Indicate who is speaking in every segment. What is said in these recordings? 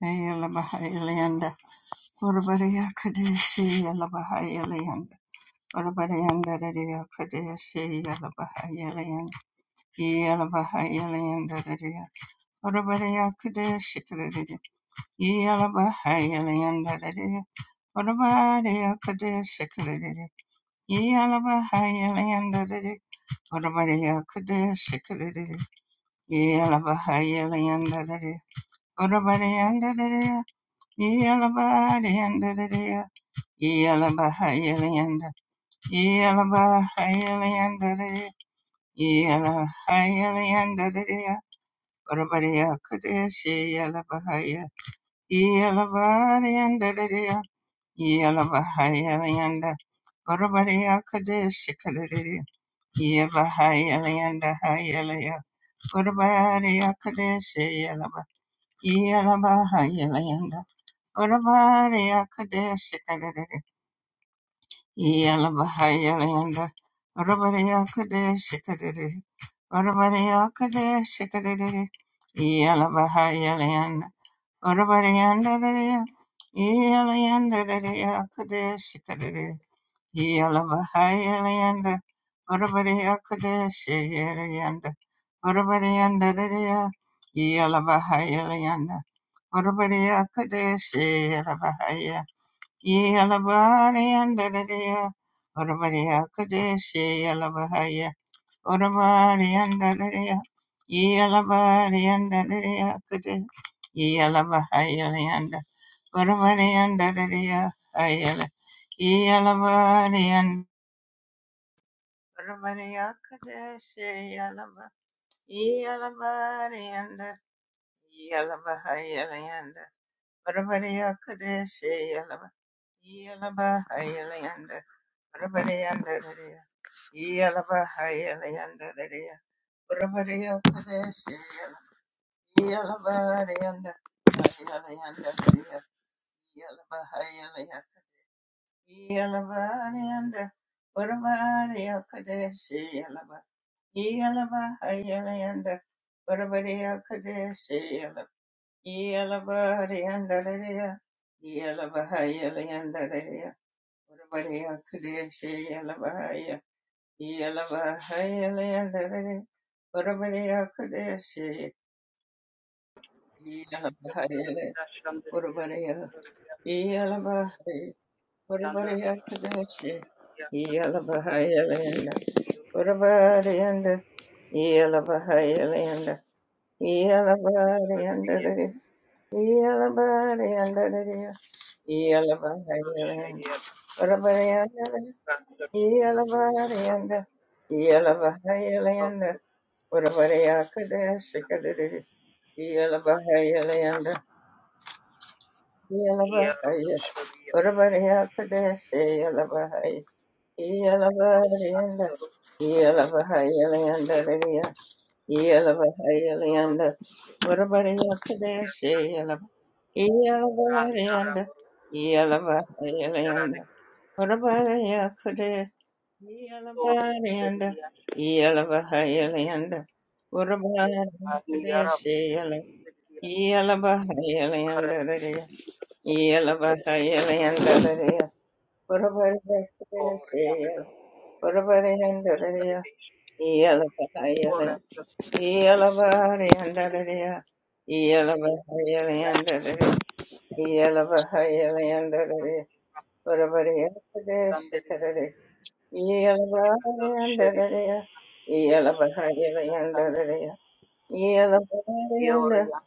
Speaker 1: Yalabahayalayanda, Urabariya Kadeshi Yalabahayalayanda, Urabariyanda Dadiya Kadeshi Yalabahayalayanda, Yalabahayalayanda Dadiya, Urabariya Kadeshi Kadadiya, Yalabahayalayanda Dadiya, Urabariya Kadeshi Kadadiya, Yalabahayalayanda Dadiya, Urabariya Kadeshi Kadadiya, Yalabahayalayanda Dadiya, Urabariyanda Dadiya, Yalabahayalayanda Dadiya, Yalabahayalayanda, Yalabahayalayanda, Yalabahayalayanda, Barbaria Kadeshi, Yalabahaya Yalanda, Orabari Akadesh Yala Bahaya Landa Rabaria Kadesh Kadidi Rabaria Kadesh Kadidi Yala Bahaya Landa Rabarianda Yala Yanda Kadesh Kadidi Yala Bahaya Landa Rabaria Kadesh Yanda Rabarianda Yala Bahaya Landa Rabaria Kadesh Yala Bahaya. Yalabariyandadadaya, Orabariya Kadeshi Yalabahaya, Orabariyandadadaya, Yalabariyandadadaya Kadeshi Yalabahaya Leanda, Orabariyandadadaya Hayala, Yalabariyan, Orabariya Kadeshi Yalaba, Yalabariyanda, Yalabahaya Leanda, Orabariya Kadeshi Yalaba, Yalabahaya and Yalabaya, Yalabaya, Yalabaya, Yalabaya, Yalabaya, Yeah. Yalabahayaland. Whatabody under the Yalabahayaland. Urabaya Kadesh Kadiri Yalabahaya Layanda Yalabahaya Urabaya Kadesh Yalabahaya Yalabahayanda Yalabahaya Layanda Lidia Yalabahaya Layanda Urabaya Kadesh Yalabahayanda Yalabahaya Layanda Urabaya Yelabariyanda, Yelabahayalanda, Urabharakadeshayala, Yelabahayalanda, Yelabahayalanda, Urabharakadeshayala, Urabharayanda,
Speaker 2: there's
Speaker 1: Yelabahayalanda,
Speaker 2: Ora
Speaker 1: Yelabariyanda,
Speaker 2: prostia
Speaker 1: Yelabahayalanda, Yelabahayalanda,
Speaker 2: sandere
Speaker 1: Urabharakadeshayala, yeah.
Speaker 2: kienador sheri san yeoria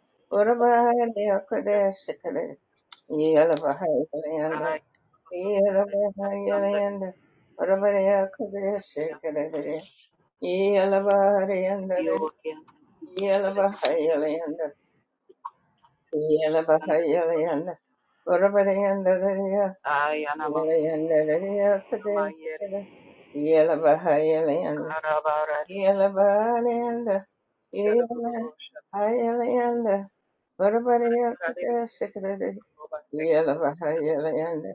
Speaker 2: sandere ai sandere yeoria sheri sandere yosha ai anama nama yeri karabara
Speaker 1: Yalabariyanda,
Speaker 2: yaruru
Speaker 1: yala-
Speaker 2: rosha
Speaker 1: ayalayanda,
Speaker 2: yarari
Speaker 1: varavariyakadashikadadi,
Speaker 2: obase
Speaker 1: yalabahayalayanda,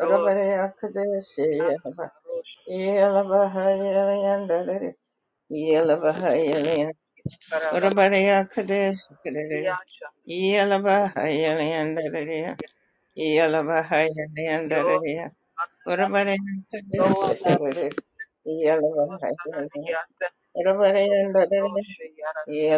Speaker 2: ros anama
Speaker 1: yalaba-
Speaker 2: rosha
Speaker 1: yalabahayalayanda, dadi, yalabahayalayanda,
Speaker 2: karala
Speaker 1: varavariyakadashikadadi,
Speaker 2: riyasha
Speaker 1: yalabahayalayanda, dadi, yalabahayalayanda, dadi, varavariyakadashikadadi, yalabahayalayanda, varavariyanda, Yeah.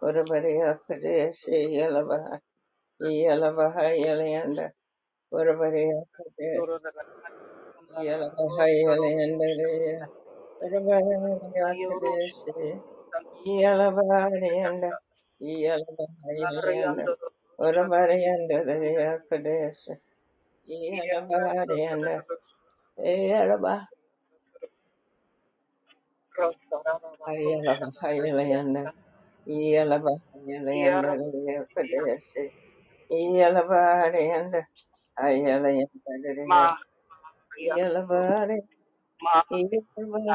Speaker 1: Urabarea Pradesh, Yelavaha, Yelavaha, Yelanda, Urabarea Pradesh,
Speaker 2: Sorozda kettő,
Speaker 1: Yelavaha,
Speaker 2: rossz a rossz rosszat,
Speaker 1: Yelanda, Urabarea
Speaker 2: nagy a rossz,
Speaker 1: Pradesh,
Speaker 2: szar
Speaker 1: Yelavaha,
Speaker 2: a
Speaker 1: Yelanda,
Speaker 2: rosszat,
Speaker 1: Yelavaha,
Speaker 2: haryan
Speaker 1: Yelanda,
Speaker 2: doboz rosszat,
Speaker 1: Urabarea
Speaker 2: szandáreli
Speaker 1: Pradesh, Yelavaha,
Speaker 2: idegkáttus
Speaker 1: Yelanda,
Speaker 2: szandáreli
Speaker 1: Yelavaha,
Speaker 2: rossz a rosszat,
Speaker 1: Yelavaha, Yelanda,
Speaker 2: haryan,
Speaker 1: Yelavaha, Yelanda,
Speaker 2: idegkáttus,
Speaker 1: Pradesh, Yelavaha, Yelanda,
Speaker 2: mag a haryan,
Speaker 1: Iyalabare,
Speaker 2: mag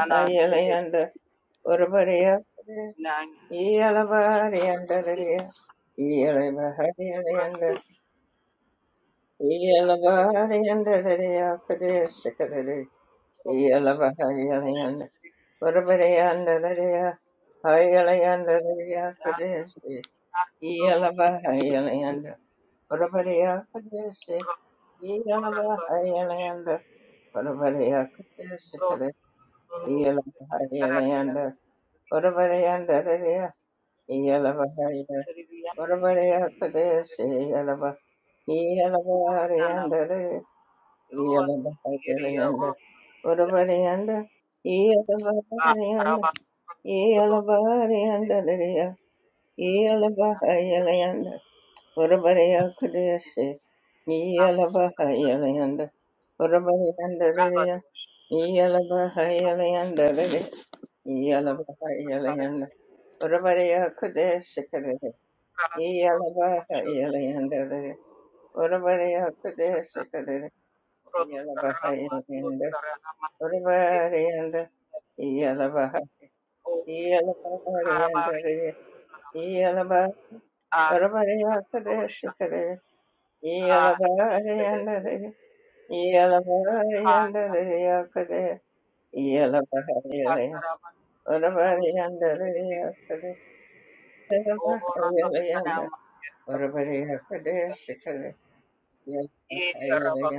Speaker 2: a nana szedett,
Speaker 1: Iyalayanda, Orabareyakade,
Speaker 2: nagy mag,
Speaker 1: Iyalabare
Speaker 2: szandáreli,
Speaker 1: yandarariya, Iyalabahari yalayanda,
Speaker 2: rosszat szandáreli,
Speaker 1: Iyalabare yandarariyakade sakarare, Iyalabahari
Speaker 2: rosszat
Speaker 1: yalayanda,
Speaker 2: szedett.
Speaker 1: Orabareyandarariya, Ayalayandaraririyakade se,
Speaker 2: Rabba
Speaker 1: Iyalabahari yalayanda, Orabareyakade se, Iyalabahari yalayanda, Orabareyakade sakarare, Iyalabahari yalayanda, Orabaleya ndalaleya, iyalabahaya, orabaleya kadeshe, iyalaba, iyalabahaya ndalaleya, iyalabahaya layanda, orabaleya nda, iyalabahaya nda, iyalabahaya ndalaleya, iyalabahaya layanda, orabaleya kadeshe, iyalabahaya layanda, orabaleya Yalabaha Yalayandere, Urabari Akadeshikadere, Yalabaha Yalayanda, Urabari and Yalabaha, Yalabari and
Speaker 2: Karabar,
Speaker 1: Yalaba, Urabari Akadeshikadere, Yalabari and Yalabari and Yakade, Yalabaha Yalaya, Urabari and Yakade, Yalabaha Yalayanda, Urabari Akadeshikadere,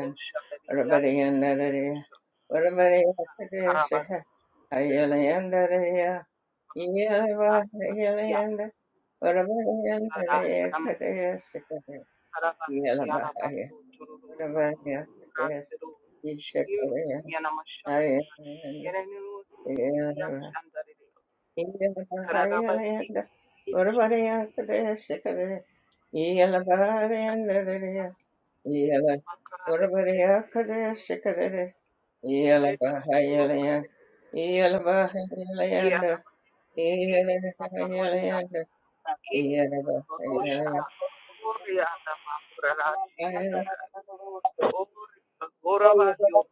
Speaker 1: Rabadiyandaraya, Varabadiyakadesha, Ayalayandaraya, Iyavahayalanda, Varabadiyandaraya
Speaker 2: yeah,
Speaker 1: Kadesha,
Speaker 2: Karabasi
Speaker 1: Iyalamahaya,
Speaker 2: arabasu tururu
Speaker 1: Varabadiyakadesha,
Speaker 2: rasturu şiir
Speaker 1: Ishakaraya,
Speaker 2: yanamışa
Speaker 1: Ayalanda,
Speaker 2: yenenu siriya
Speaker 1: Iyalava,
Speaker 2: şandarede karabasi
Speaker 1: Iyavahayalanda,
Speaker 2: hiç
Speaker 1: Varabadiyakadesha,
Speaker 2: hiç
Speaker 1: Iyalabhariyandaraya, Iyala,
Speaker 2: makarada kaderi
Speaker 1: Varabadiyakadesha,
Speaker 2: ve tururu
Speaker 1: Yelabahayalayan,
Speaker 2: kare
Speaker 1: Yelabahayalayanda,
Speaker 2: yanama şiir makarada
Speaker 1: Yelabahayalayanda,
Speaker 2: ki
Speaker 1: Yelabahayalayan,
Speaker 2: konuşara oraya da makurala şiir yanında Or, oraba yok.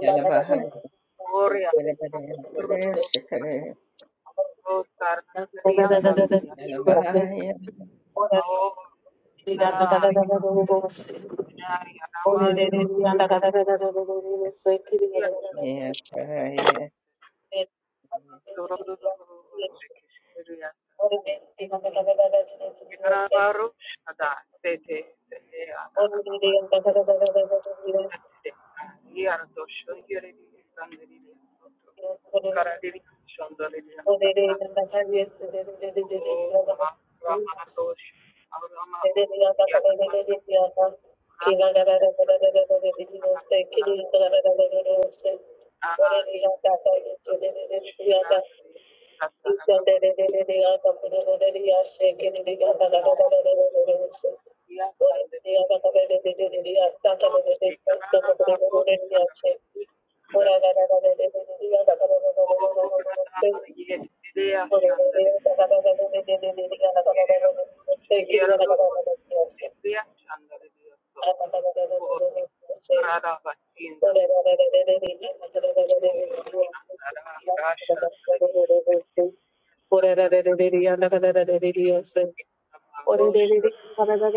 Speaker 1: Yelabahaya,
Speaker 2: Gloria.
Speaker 1: Padabadaya, Padashikadaya,
Speaker 2: Oh, beyond the
Speaker 1: Yelabahaya,
Speaker 2: Oh, and I, and I, and I'm on your yes.
Speaker 1: Yelabahaya,
Speaker 3: Thank
Speaker 2: Yaradoşun yeri bir insan verilir. Karadeniz şonda verilir. अल्लाह रामानाथोंश अल्लाह माउल यह नमः नमः देवता नमः नमः आनंद नमः नमः देवता साराभर दुख सारा दुःख यह संदर्भिया तो एक बार नमः आपको आत्मा
Speaker 3: you. Thank
Speaker 2: संदर्भिया ओम नमः ये देवयाशनंदरी Geride işte Yeradotus Ebbia Chandra Diosso Oti Krada Vacinda Oti Andara Rasha Sredi Sandra Rosha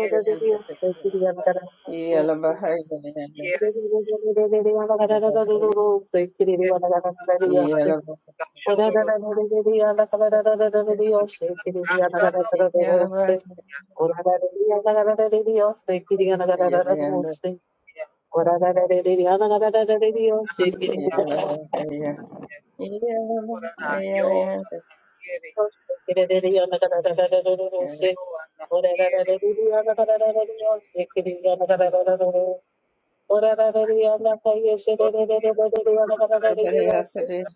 Speaker 2: Yet
Speaker 1: Yelabahayalayanda,
Speaker 2: Kere
Speaker 1: Yelabahaya,
Speaker 2: Yet Nama
Speaker 3: you.
Speaker 2: Yudu
Speaker 1: Yelabahaya,
Speaker 3: おらららららりやなかならららららりよし、きりやなかなららららせ。おらららりやなかならららりよし、きりやなかなららららせ。おららららりやなかならららりよし、きりやなかなららららせ。きりやなかなららららせ。おらららりやなかならららりよし、きりやなかなららららせ。おらららりやなかいえし、ででででででやなかなららりよし。だからららりやなかならららりよし、きりやなかなららららせ。
Speaker 2: Gamshodo Rasha
Speaker 1: Padashi- Yelabahayalayanda, Yelabahaya,
Speaker 2: Yo
Speaker 1: Yelabahayalaya,
Speaker 2: Kere
Speaker 1: Yeah.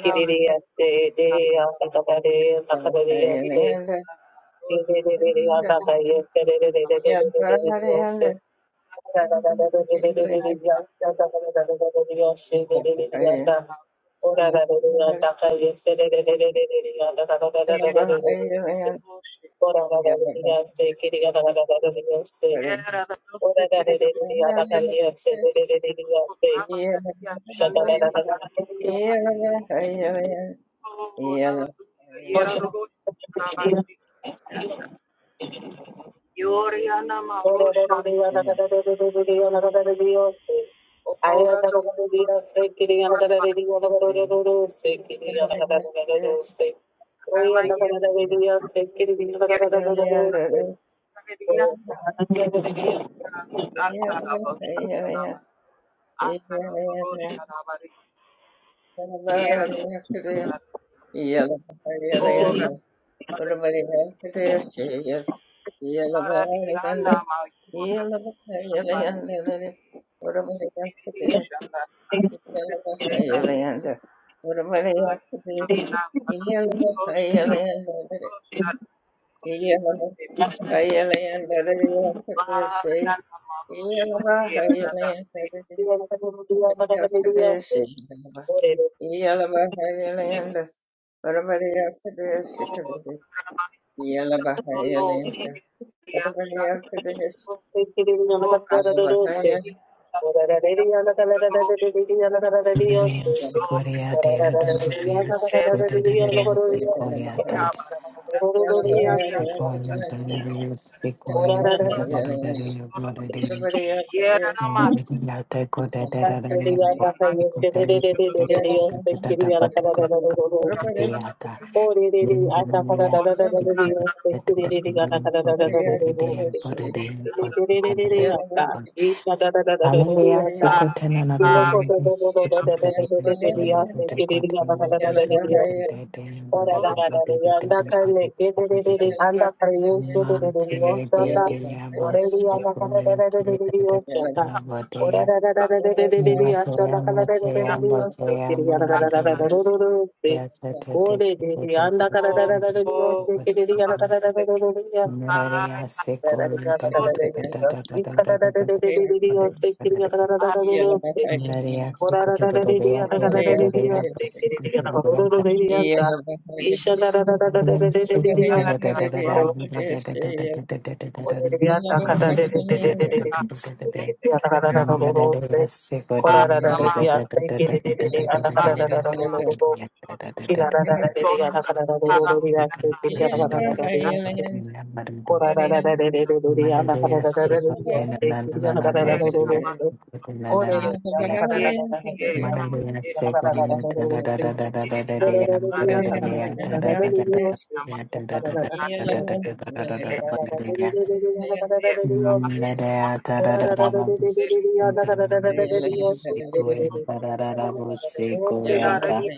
Speaker 2: Yeah,
Speaker 3: de, andakadare,
Speaker 1: Yeah. yeah,
Speaker 3: andakadariyaste,
Speaker 1: yeah.
Speaker 3: Shut
Speaker 1: Yeah, yeah, yeah.
Speaker 2: Oh, hallelujah. Yera dogo rabasi. Yoriana Marusha,
Speaker 3: Ora
Speaker 2: Ora do Ora Ramaye, Yerdia, Samedia, Asana bhūṣaṇāva, asana bhūṣaṇāvarī, ye
Speaker 1: Everybody,
Speaker 2: roṣaṇa,
Speaker 1: Yellow
Speaker 2: o
Speaker 1: Bahayalanda, what
Speaker 2: rādhikā,
Speaker 1: about the Yakadis? Yellow
Speaker 2: haradi
Speaker 1: Bahayalanda,
Speaker 2: anamāyikā, rāsiyā, śrīśrīśaṇā, śrīśrīśaṇā, śrīśrīśaṇā, śrīśrīśaṇā, śrīśrīśaṇā, śrīśrīśaṇā, śrīśrīśaṇā, śrīśrīśaṇā, śrīśrīśaṇā, śrīśrīśaṇā, śrīśrīśaṇā, śrīśrīśaṇā, śrīśrīśaṇā, śrīśrīśaṇā, śrīśrīśaṇā, śrīśrīśaṇā, śrīśrīśaṇā, śrīśrīśaṇā, śrīśrīśa por ramazzo da sonno
Speaker 1: Yeah.
Speaker 2: riasciando o cazzo sarà di sapere di altro produce
Speaker 4: Yes,
Speaker 2: no per se comprava la careria andare di tutto era una massa
Speaker 3: Thank
Speaker 2: che si annato stato dopo che sarà sarà o una una poco dopo che andando
Speaker 4: Hallelujah.
Speaker 2: Ave,
Speaker 4: Sikotena na na na
Speaker 2: ave,
Speaker 4: na.
Speaker 2: llena
Speaker 4: Sikotena na
Speaker 2: de
Speaker 4: na na. Bude kotena. Bude bude bude
Speaker 3: you.
Speaker 4: bude
Speaker 3: Ora
Speaker 4: bude bude
Speaker 3: da da da da
Speaker 4: bude
Speaker 3: yanda kare
Speaker 4: bude
Speaker 3: kete re
Speaker 4: bude
Speaker 3: re re
Speaker 4: bude.
Speaker 3: anda kare yese de de de de.
Speaker 4: Mante de
Speaker 3: chata
Speaker 4: de ya
Speaker 3: ore re
Speaker 4: bosi
Speaker 3: yanda kare
Speaker 4: kone
Speaker 3: de de de.
Speaker 4: de
Speaker 3: re re
Speaker 4: de de
Speaker 3: yo chata
Speaker 4: de
Speaker 3: ora
Speaker 4: bude.
Speaker 3: ra ra ra ra re re re de de
Speaker 4: Mante ya
Speaker 3: asana kare re
Speaker 4: mante
Speaker 3: re re re
Speaker 4: ya
Speaker 3: re yo
Speaker 4: mante
Speaker 3: se
Speaker 4: ya
Speaker 3: kiri yara ra
Speaker 4: mante
Speaker 3: ra da
Speaker 4: de.
Speaker 3: da ra ro ro ro
Speaker 4: Ya
Speaker 3: se
Speaker 4: te te
Speaker 3: kore
Speaker 4: te
Speaker 3: de
Speaker 4: te te
Speaker 3: re
Speaker 4: te
Speaker 3: anda kare da da da
Speaker 4: te
Speaker 3: de de yo se
Speaker 4: te
Speaker 3: kiri re yara
Speaker 4: te.
Speaker 3: kare da da ra de de. ya
Speaker 4: Mararia
Speaker 2: ay,
Speaker 3: ra ra
Speaker 4: sikore
Speaker 3: ra
Speaker 4: da
Speaker 3: ra
Speaker 4: da
Speaker 3: ra
Speaker 4: da da
Speaker 3: re re re yo
Speaker 4: da da
Speaker 3: se
Speaker 4: da da
Speaker 3: kare ra ra
Speaker 4: da
Speaker 3: ra
Speaker 4: da da.
Speaker 3: ra re re re yo se kiri
Speaker 4: da.
Speaker 3: yara ra ra ra ra
Speaker 1: Yeah.
Speaker 3: re yo
Speaker 4: María se
Speaker 3: Ora
Speaker 4: cogió de bebé, pero de bebé, pero se cogió de bebé. María se cogió de
Speaker 2: a los a
Speaker 4: bebé.
Speaker 2: los a
Speaker 4: María
Speaker 2: los
Speaker 4: se cogió
Speaker 2: de a
Speaker 4: de bebé.
Speaker 2: este que le llaman a Ramán.
Speaker 4: María se Manalian Segon Tada da da da da da da
Speaker 3: これれれりやんだからだだだだだりりよって、だだだだりよって、こらだだだりりりりやんだからだだりよって、こらだだだりりりりやんだからだだだりよし、でれれりやんだからだだだりよって、おれんのでれりやんだからだだだりよって、やんだからだだだりよって、こらだだだりりやんだからだだだりよって、やんだからだだりよって、おらだだだだりりやんだからだだだりよって、やんだからだだだりよって、
Speaker 4: da da and Tada da da da and da da da da da yeah, da da da da da da da da da da da da da da da Manada da da da da da Segon Tada da da da da
Speaker 2: Thank
Speaker 4: Segoyata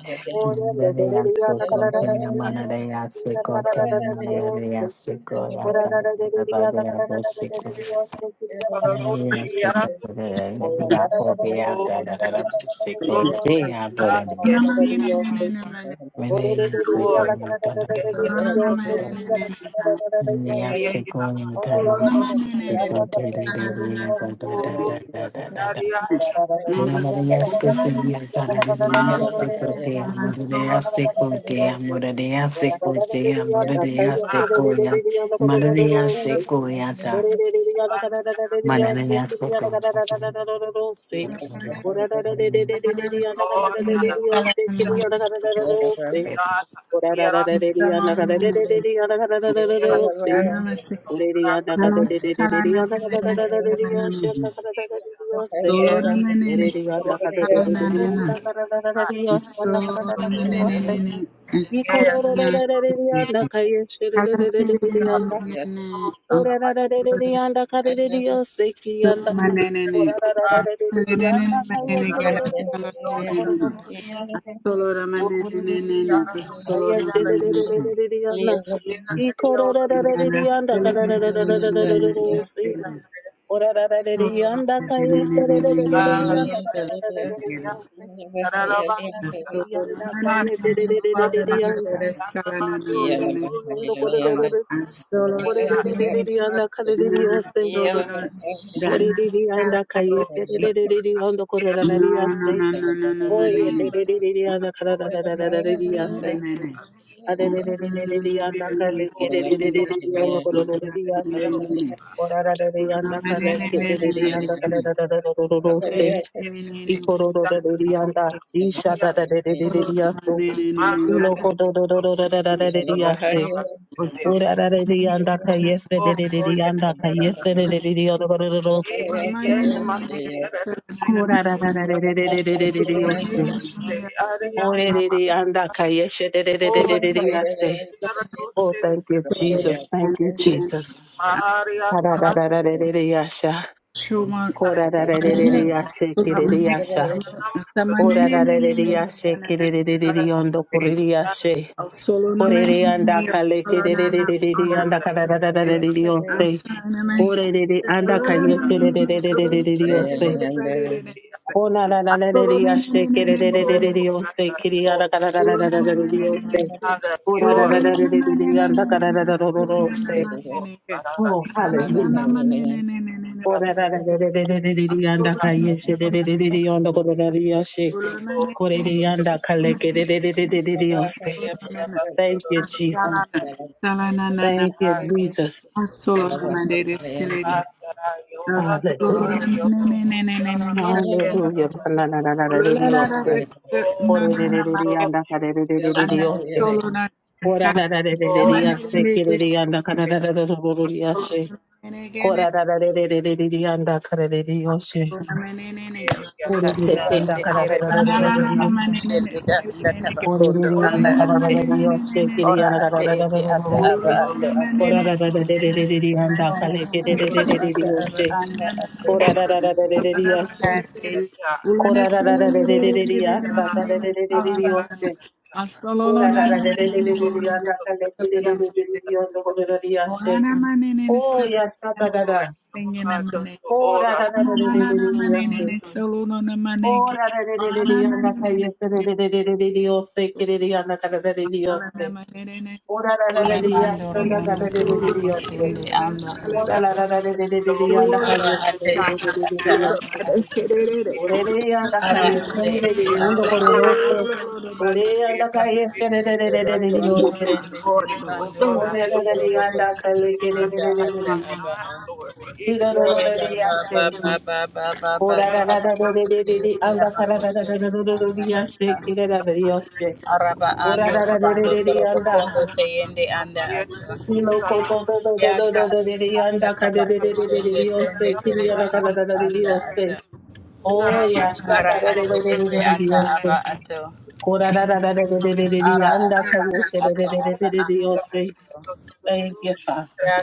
Speaker 4: da
Speaker 2: you.
Speaker 4: Segon Tina Manada Segon Tina Manada Segoyata da da da da da bus Manana
Speaker 5: Solo
Speaker 1: Yeah.
Speaker 3: Ora
Speaker 2: Oh, no, no, no.
Speaker 4: Mother, I'm sick.
Speaker 2: قراءة
Speaker 3: Ora
Speaker 2: أساسية هذا قراءة
Speaker 5: na na na na, Solo
Speaker 3: Ikororororororiyanda kararararararararorosi.
Speaker 2: أساسية
Speaker 3: Orarararariyanda
Speaker 2: Ah,
Speaker 3: kayeserererereriyanda
Speaker 2: iya.
Speaker 3: karararararararorosi.
Speaker 2: Tararabasuta,
Speaker 5: Solo
Speaker 3: Orararariyanda
Speaker 2: hasa, rabasa,
Speaker 3: kayeserererereriyanda.
Speaker 2: tarabayuta, ruja,
Speaker 3: Orasiyanda
Speaker 1: Yeah.
Speaker 2: tarabaya,
Speaker 3: kororororo- korererereriyanda
Speaker 2: rasyatu,
Speaker 3: karararariyose.
Speaker 1: Yeah.
Speaker 3: Korereriyanda
Speaker 2: lever,
Speaker 3: kayeserererereriyanda
Speaker 2: akir, lever,
Speaker 3: korororariyase. Oyetererereriyanda
Speaker 2: akoti, kiro,
Speaker 3: karararararararariyase.
Speaker 2: akti,
Speaker 3: Arerererereriyanda
Speaker 2: akir, koka, juga,
Speaker 3: karekerererereriyanda korororariyase.
Speaker 2: akiru,
Speaker 3: Oh, thank
Speaker 2: lepri, desa, resia, desa, desa, desa, desa, desa, Manda los todos para ustedes. Oh, oh, yes, y era la y y era nada más y era la y este
Speaker 5: Thank
Speaker 2: área nada más. Oh, yes,
Speaker 3: you, Jesus. Thank you, Jesus.
Speaker 2: Maria,
Speaker 3: Ora rarereriya she kererereriyando kureriya she.
Speaker 5: Solo na me,
Speaker 3: Orere anda kale
Speaker 5: solo na na, ona me,
Speaker 3: kererereriyanda karararararariyose.
Speaker 5: asana me.
Speaker 2: ለ
Speaker 3: Orere anda
Speaker 5: Solo
Speaker 3: kale
Speaker 5: na na me,
Speaker 2: sagt,
Speaker 5: me me, solo na na na na na
Speaker 3: kererereriyose.
Speaker 5: na de de de.
Speaker 2: कि
Speaker 3: Ona
Speaker 2: अव्ट
Speaker 5: Solo na
Speaker 3: rarereriya
Speaker 5: na
Speaker 3: she
Speaker 5: na na na na na.
Speaker 3: kererereriyose
Speaker 2: हो ओर
Speaker 3: kiriyara
Speaker 2: लुट,
Speaker 5: Solo na
Speaker 2: उन
Speaker 5: na na na na na.
Speaker 3: karararararariyose.
Speaker 2: होते iृ लृफ, ने खम और विमожंभा, हम
Speaker 3: Ora
Speaker 5: Solo
Speaker 2: फोर
Speaker 5: lo lo
Speaker 2: रिश
Speaker 5: na na na na
Speaker 3: rarerereriyanda
Speaker 5: na na. Solo na na
Speaker 3: kararararararose.
Speaker 5: ma
Speaker 2: सन्ढ
Speaker 5: na
Speaker 2: कर wealth सिचा और
Speaker 5: na
Speaker 2: विल्दी
Speaker 5: ke.
Speaker 2: अरेखा
Speaker 3: Oh,
Speaker 5: Na
Speaker 2: थाधिज़ा मेज़ा
Speaker 5: na na
Speaker 3: hallelujah.
Speaker 5: na ma na na na na
Speaker 2: हूवा,
Speaker 3: Ora
Speaker 2: ही
Speaker 5: na.
Speaker 2: ढई
Speaker 3: rarerereriyanda
Speaker 5: Solo na
Speaker 3: kale
Speaker 5: na na na.
Speaker 2: हो
Speaker 5: na,
Speaker 3: kererereriyanda
Speaker 2: अज़
Speaker 3: kureriya she.
Speaker 5: Solo na na
Speaker 2: णयों
Speaker 5: na na. na
Speaker 2: मेज़ा, हम से
Speaker 3: Koreriyanda
Speaker 5: na,
Speaker 3: kale kererereriyose.
Speaker 5: Solo
Speaker 2: व्टना
Speaker 5: na na.
Speaker 2: अगे
Speaker 3: Thank you, Jesus.
Speaker 5: Salana, salana,
Speaker 3: Thank you, Jesus.
Speaker 5: Solo namande de sile de.
Speaker 2: हुट, हम
Speaker 5: Solo
Speaker 3: Alleluia.
Speaker 2: समुना यॉ तो
Speaker 5: namane ne ne
Speaker 2: समक
Speaker 5: ne ne ne
Speaker 2: दोना
Speaker 5: ne.
Speaker 3: Alleluia.
Speaker 2: ङneवा,
Speaker 5: Solo la la la de no no namande.
Speaker 2: कि अ�
Speaker 5: Anda
Speaker 1: Yeah.
Speaker 5: solo na sa
Speaker 2: Oh,
Speaker 5: namane ne de. silede. Solo
Speaker 2: namastê.
Speaker 5: namane ne ne.
Speaker 2: Guru Namaste.
Speaker 5: Solo namane ne
Speaker 2: Ekya,
Speaker 5: ne.
Speaker 2: ya,
Speaker 6: Tetende tere batondo
Speaker 2: namaste.
Speaker 6: bakutende danda tabakondo
Speaker 2: Guru
Speaker 6: anda
Speaker 2: Ekya,
Speaker 6: ate. Ora ate ete ata aba
Speaker 2: yo,
Speaker 6: ando ate.
Speaker 2: yo, yo,
Speaker 6: Ora hata koto ata aba anda ate.
Speaker 3: Ora da da da da da da da san.
Speaker 6: Ate
Speaker 2: ya, ya,
Speaker 3: ora da da da da da da da da
Speaker 2: ta,
Speaker 3: san. Da da da da da
Speaker 2: so, kala,
Speaker 3: da
Speaker 2: ya, ta, or, so, ta, ya,
Speaker 5: Assalamu
Speaker 2: ta, ta, ya,
Speaker 3: da san.
Speaker 5: Ora manene
Speaker 3: ora Korararararararariyasa. Korarararararararariyasa. Dararararararariyose. Korarararararararararariyandakanekererererereriyandakanereriyase.
Speaker 5: ne
Speaker 3: Oh,
Speaker 5: solo
Speaker 3: yasa
Speaker 2: or,
Speaker 3: dadada.
Speaker 2: yo,
Speaker 5: manene
Speaker 2: ha,
Speaker 5: ne
Speaker 2: do,
Speaker 5: manene.
Speaker 2: so, ora, so,
Speaker 5: Ana
Speaker 2: ta, ta, ta, ta,
Speaker 5: manana
Speaker 2: ta, ya,
Speaker 5: manene ne
Speaker 3: Korararararararararariyase.
Speaker 5: ne solo no na manene. Ora manene ne ne
Speaker 3: Korararararararararariyandakayeserererererereriyose.
Speaker 5: solo
Speaker 3: Kereriyandakanereriyose.
Speaker 5: na manene ne. ne. Ora manene ne
Speaker 2: ta, ya, ta,
Speaker 5: solo
Speaker 6: arabando
Speaker 3: Korarararararariyasa
Speaker 5: manene ne
Speaker 6: robondo turoboko
Speaker 3: dakanereriyose.
Speaker 6: shende
Speaker 2: so,
Speaker 6: anda
Speaker 5: solo
Speaker 6: ate.
Speaker 5: na
Speaker 2: yo, wa, ta,
Speaker 5: solo
Speaker 6: Ora ate
Speaker 5: sa.
Speaker 6: ete
Speaker 2: ya,
Speaker 6: ata
Speaker 2: ta, ta, ta, ya, ta,
Speaker 5: Ora
Speaker 6: aba
Speaker 3: Korarararararararariyandakayesererererereriyose.
Speaker 6: ando.
Speaker 5: manene ne ne ne.
Speaker 3: Oreya da
Speaker 5: ora
Speaker 3: Oreyanda
Speaker 6: Ora
Speaker 5: manene ne
Speaker 6: ate
Speaker 5: ne
Speaker 3: kayesendere
Speaker 6: ete
Speaker 2: ya,
Speaker 5: ora
Speaker 3: yondo
Speaker 6: ata aba ando.
Speaker 3: kororose.
Speaker 5: ora manene.
Speaker 3: Oreyanda kayesendere
Speaker 6: Batondo
Speaker 3: yose.
Speaker 6: tende tere
Speaker 2: so,
Speaker 6: bando
Speaker 2: ya, ya,
Speaker 6: robondo
Speaker 2: ora,
Speaker 3: Korerere
Speaker 6: turoboko
Speaker 3: yanda
Speaker 6: shende
Speaker 2: एक
Speaker 6: anda ate
Speaker 3: kalekerere.
Speaker 6: aba
Speaker 2: नाराबाई
Speaker 6: ando.
Speaker 2: और एक Harish
Speaker 3: Kirororere yase.
Speaker 6: Araba
Speaker 3: Korarararere anda kararararere yase. Kirerere yose.
Speaker 6: ando rabando
Speaker 3: Orarararere
Speaker 6: torobo
Speaker 2: और
Speaker 3: yanda.
Speaker 6: kondo teyende anda
Speaker 2: नाराबाई
Speaker 6: ata.
Speaker 2: अरसी तो
Speaker 3: Kilo
Speaker 2: ज़रा
Speaker 3: koto do do
Speaker 6: Ya
Speaker 3: do do do
Speaker 2: खूब
Speaker 3: do
Speaker 6: kati
Speaker 3: do
Speaker 2: सब
Speaker 6: tanda
Speaker 3: yanda
Speaker 6: taba
Speaker 2: नाराबाई
Speaker 6: kushende
Speaker 3: karerere
Speaker 2: ने
Speaker 6: tende
Speaker 3: yose.
Speaker 2: यह
Speaker 6: tereba
Speaker 2: साथ
Speaker 3: Kiriyana
Speaker 6: anda
Speaker 2: मालूम
Speaker 3: karararere
Speaker 6: anda ata.
Speaker 3: yose.
Speaker 2: होगा
Speaker 3: Oh,
Speaker 2: Ravan
Speaker 3: yasta
Speaker 6: Mara
Speaker 3: karerere
Speaker 6: ate
Speaker 2: Ravan
Speaker 6: ete ata
Speaker 3: yose.
Speaker 6: aba ato.
Speaker 3: Kora da da da da da da da da da,
Speaker 6: Ara ate ete
Speaker 3: yanda
Speaker 6: ata
Speaker 3: kayo she da da da da
Speaker 6: aba
Speaker 3: da da da, yo
Speaker 6: anda ato.
Speaker 3: say, Thank you, Father.
Speaker 6: Ya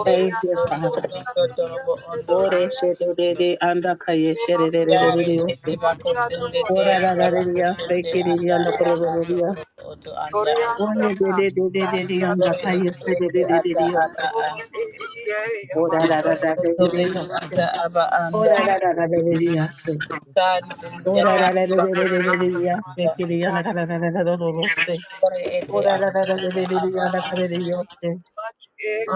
Speaker 2: और
Speaker 3: Thank
Speaker 2: यह नाराबाई
Speaker 3: you,
Speaker 6: kondo
Speaker 2: Ravan
Speaker 3: Father.
Speaker 7: Thank you.
Speaker 6: tondo torobo ondo
Speaker 3: Ore
Speaker 6: anda.
Speaker 3: she da da da shedede
Speaker 6: Yare tete
Speaker 3: yose.
Speaker 2: और
Speaker 6: bako
Speaker 2: यह
Speaker 6: sende
Speaker 2: दोनों
Speaker 6: te
Speaker 3: Kora da
Speaker 6: anda
Speaker 3: da da da,
Speaker 6: bako
Speaker 3: ya say,
Speaker 6: sende
Speaker 3: kiri da
Speaker 6: anda
Speaker 3: anda kora da
Speaker 2: Ravan
Speaker 3: da da
Speaker 6: arabando
Speaker 3: ya.
Speaker 6: oroto oto anda
Speaker 2: Korea
Speaker 3: Ore
Speaker 6: ato.
Speaker 3: da da
Speaker 2: Shana,
Speaker 3: de de de da yanda
Speaker 6: Ore
Speaker 2: Dasatia,
Speaker 3: kayo
Speaker 6: ete
Speaker 3: she da
Speaker 6: ete
Speaker 3: da da da
Speaker 6: ata
Speaker 3: de
Speaker 6: aba
Speaker 3: yose.
Speaker 6: a.
Speaker 2: Lord, EEA,
Speaker 3: Ora da
Speaker 2: Amato,
Speaker 3: da da
Speaker 6: Ore
Speaker 3: da da
Speaker 6: oto
Speaker 3: de
Speaker 6: ete
Speaker 3: yose.
Speaker 6: ata aba anda.
Speaker 3: Ora da da da da da de yose.
Speaker 2: so,
Speaker 6: Tande
Speaker 3: Ora
Speaker 6: ndata
Speaker 3: da da da da da
Speaker 6: bako
Speaker 3: da
Speaker 6: sende
Speaker 3: da da
Speaker 2: Amato,
Speaker 3: ya
Speaker 6: anda.
Speaker 3: sekiri anda kora da da da da da yose.
Speaker 6: Ore ete
Speaker 3: Ora da
Speaker 6: ata
Speaker 3: da da da da da
Speaker 6: ata
Speaker 3: da
Speaker 6: aba
Speaker 3: anda
Speaker 6: a.
Speaker 3: kora da yose.
Speaker 2: much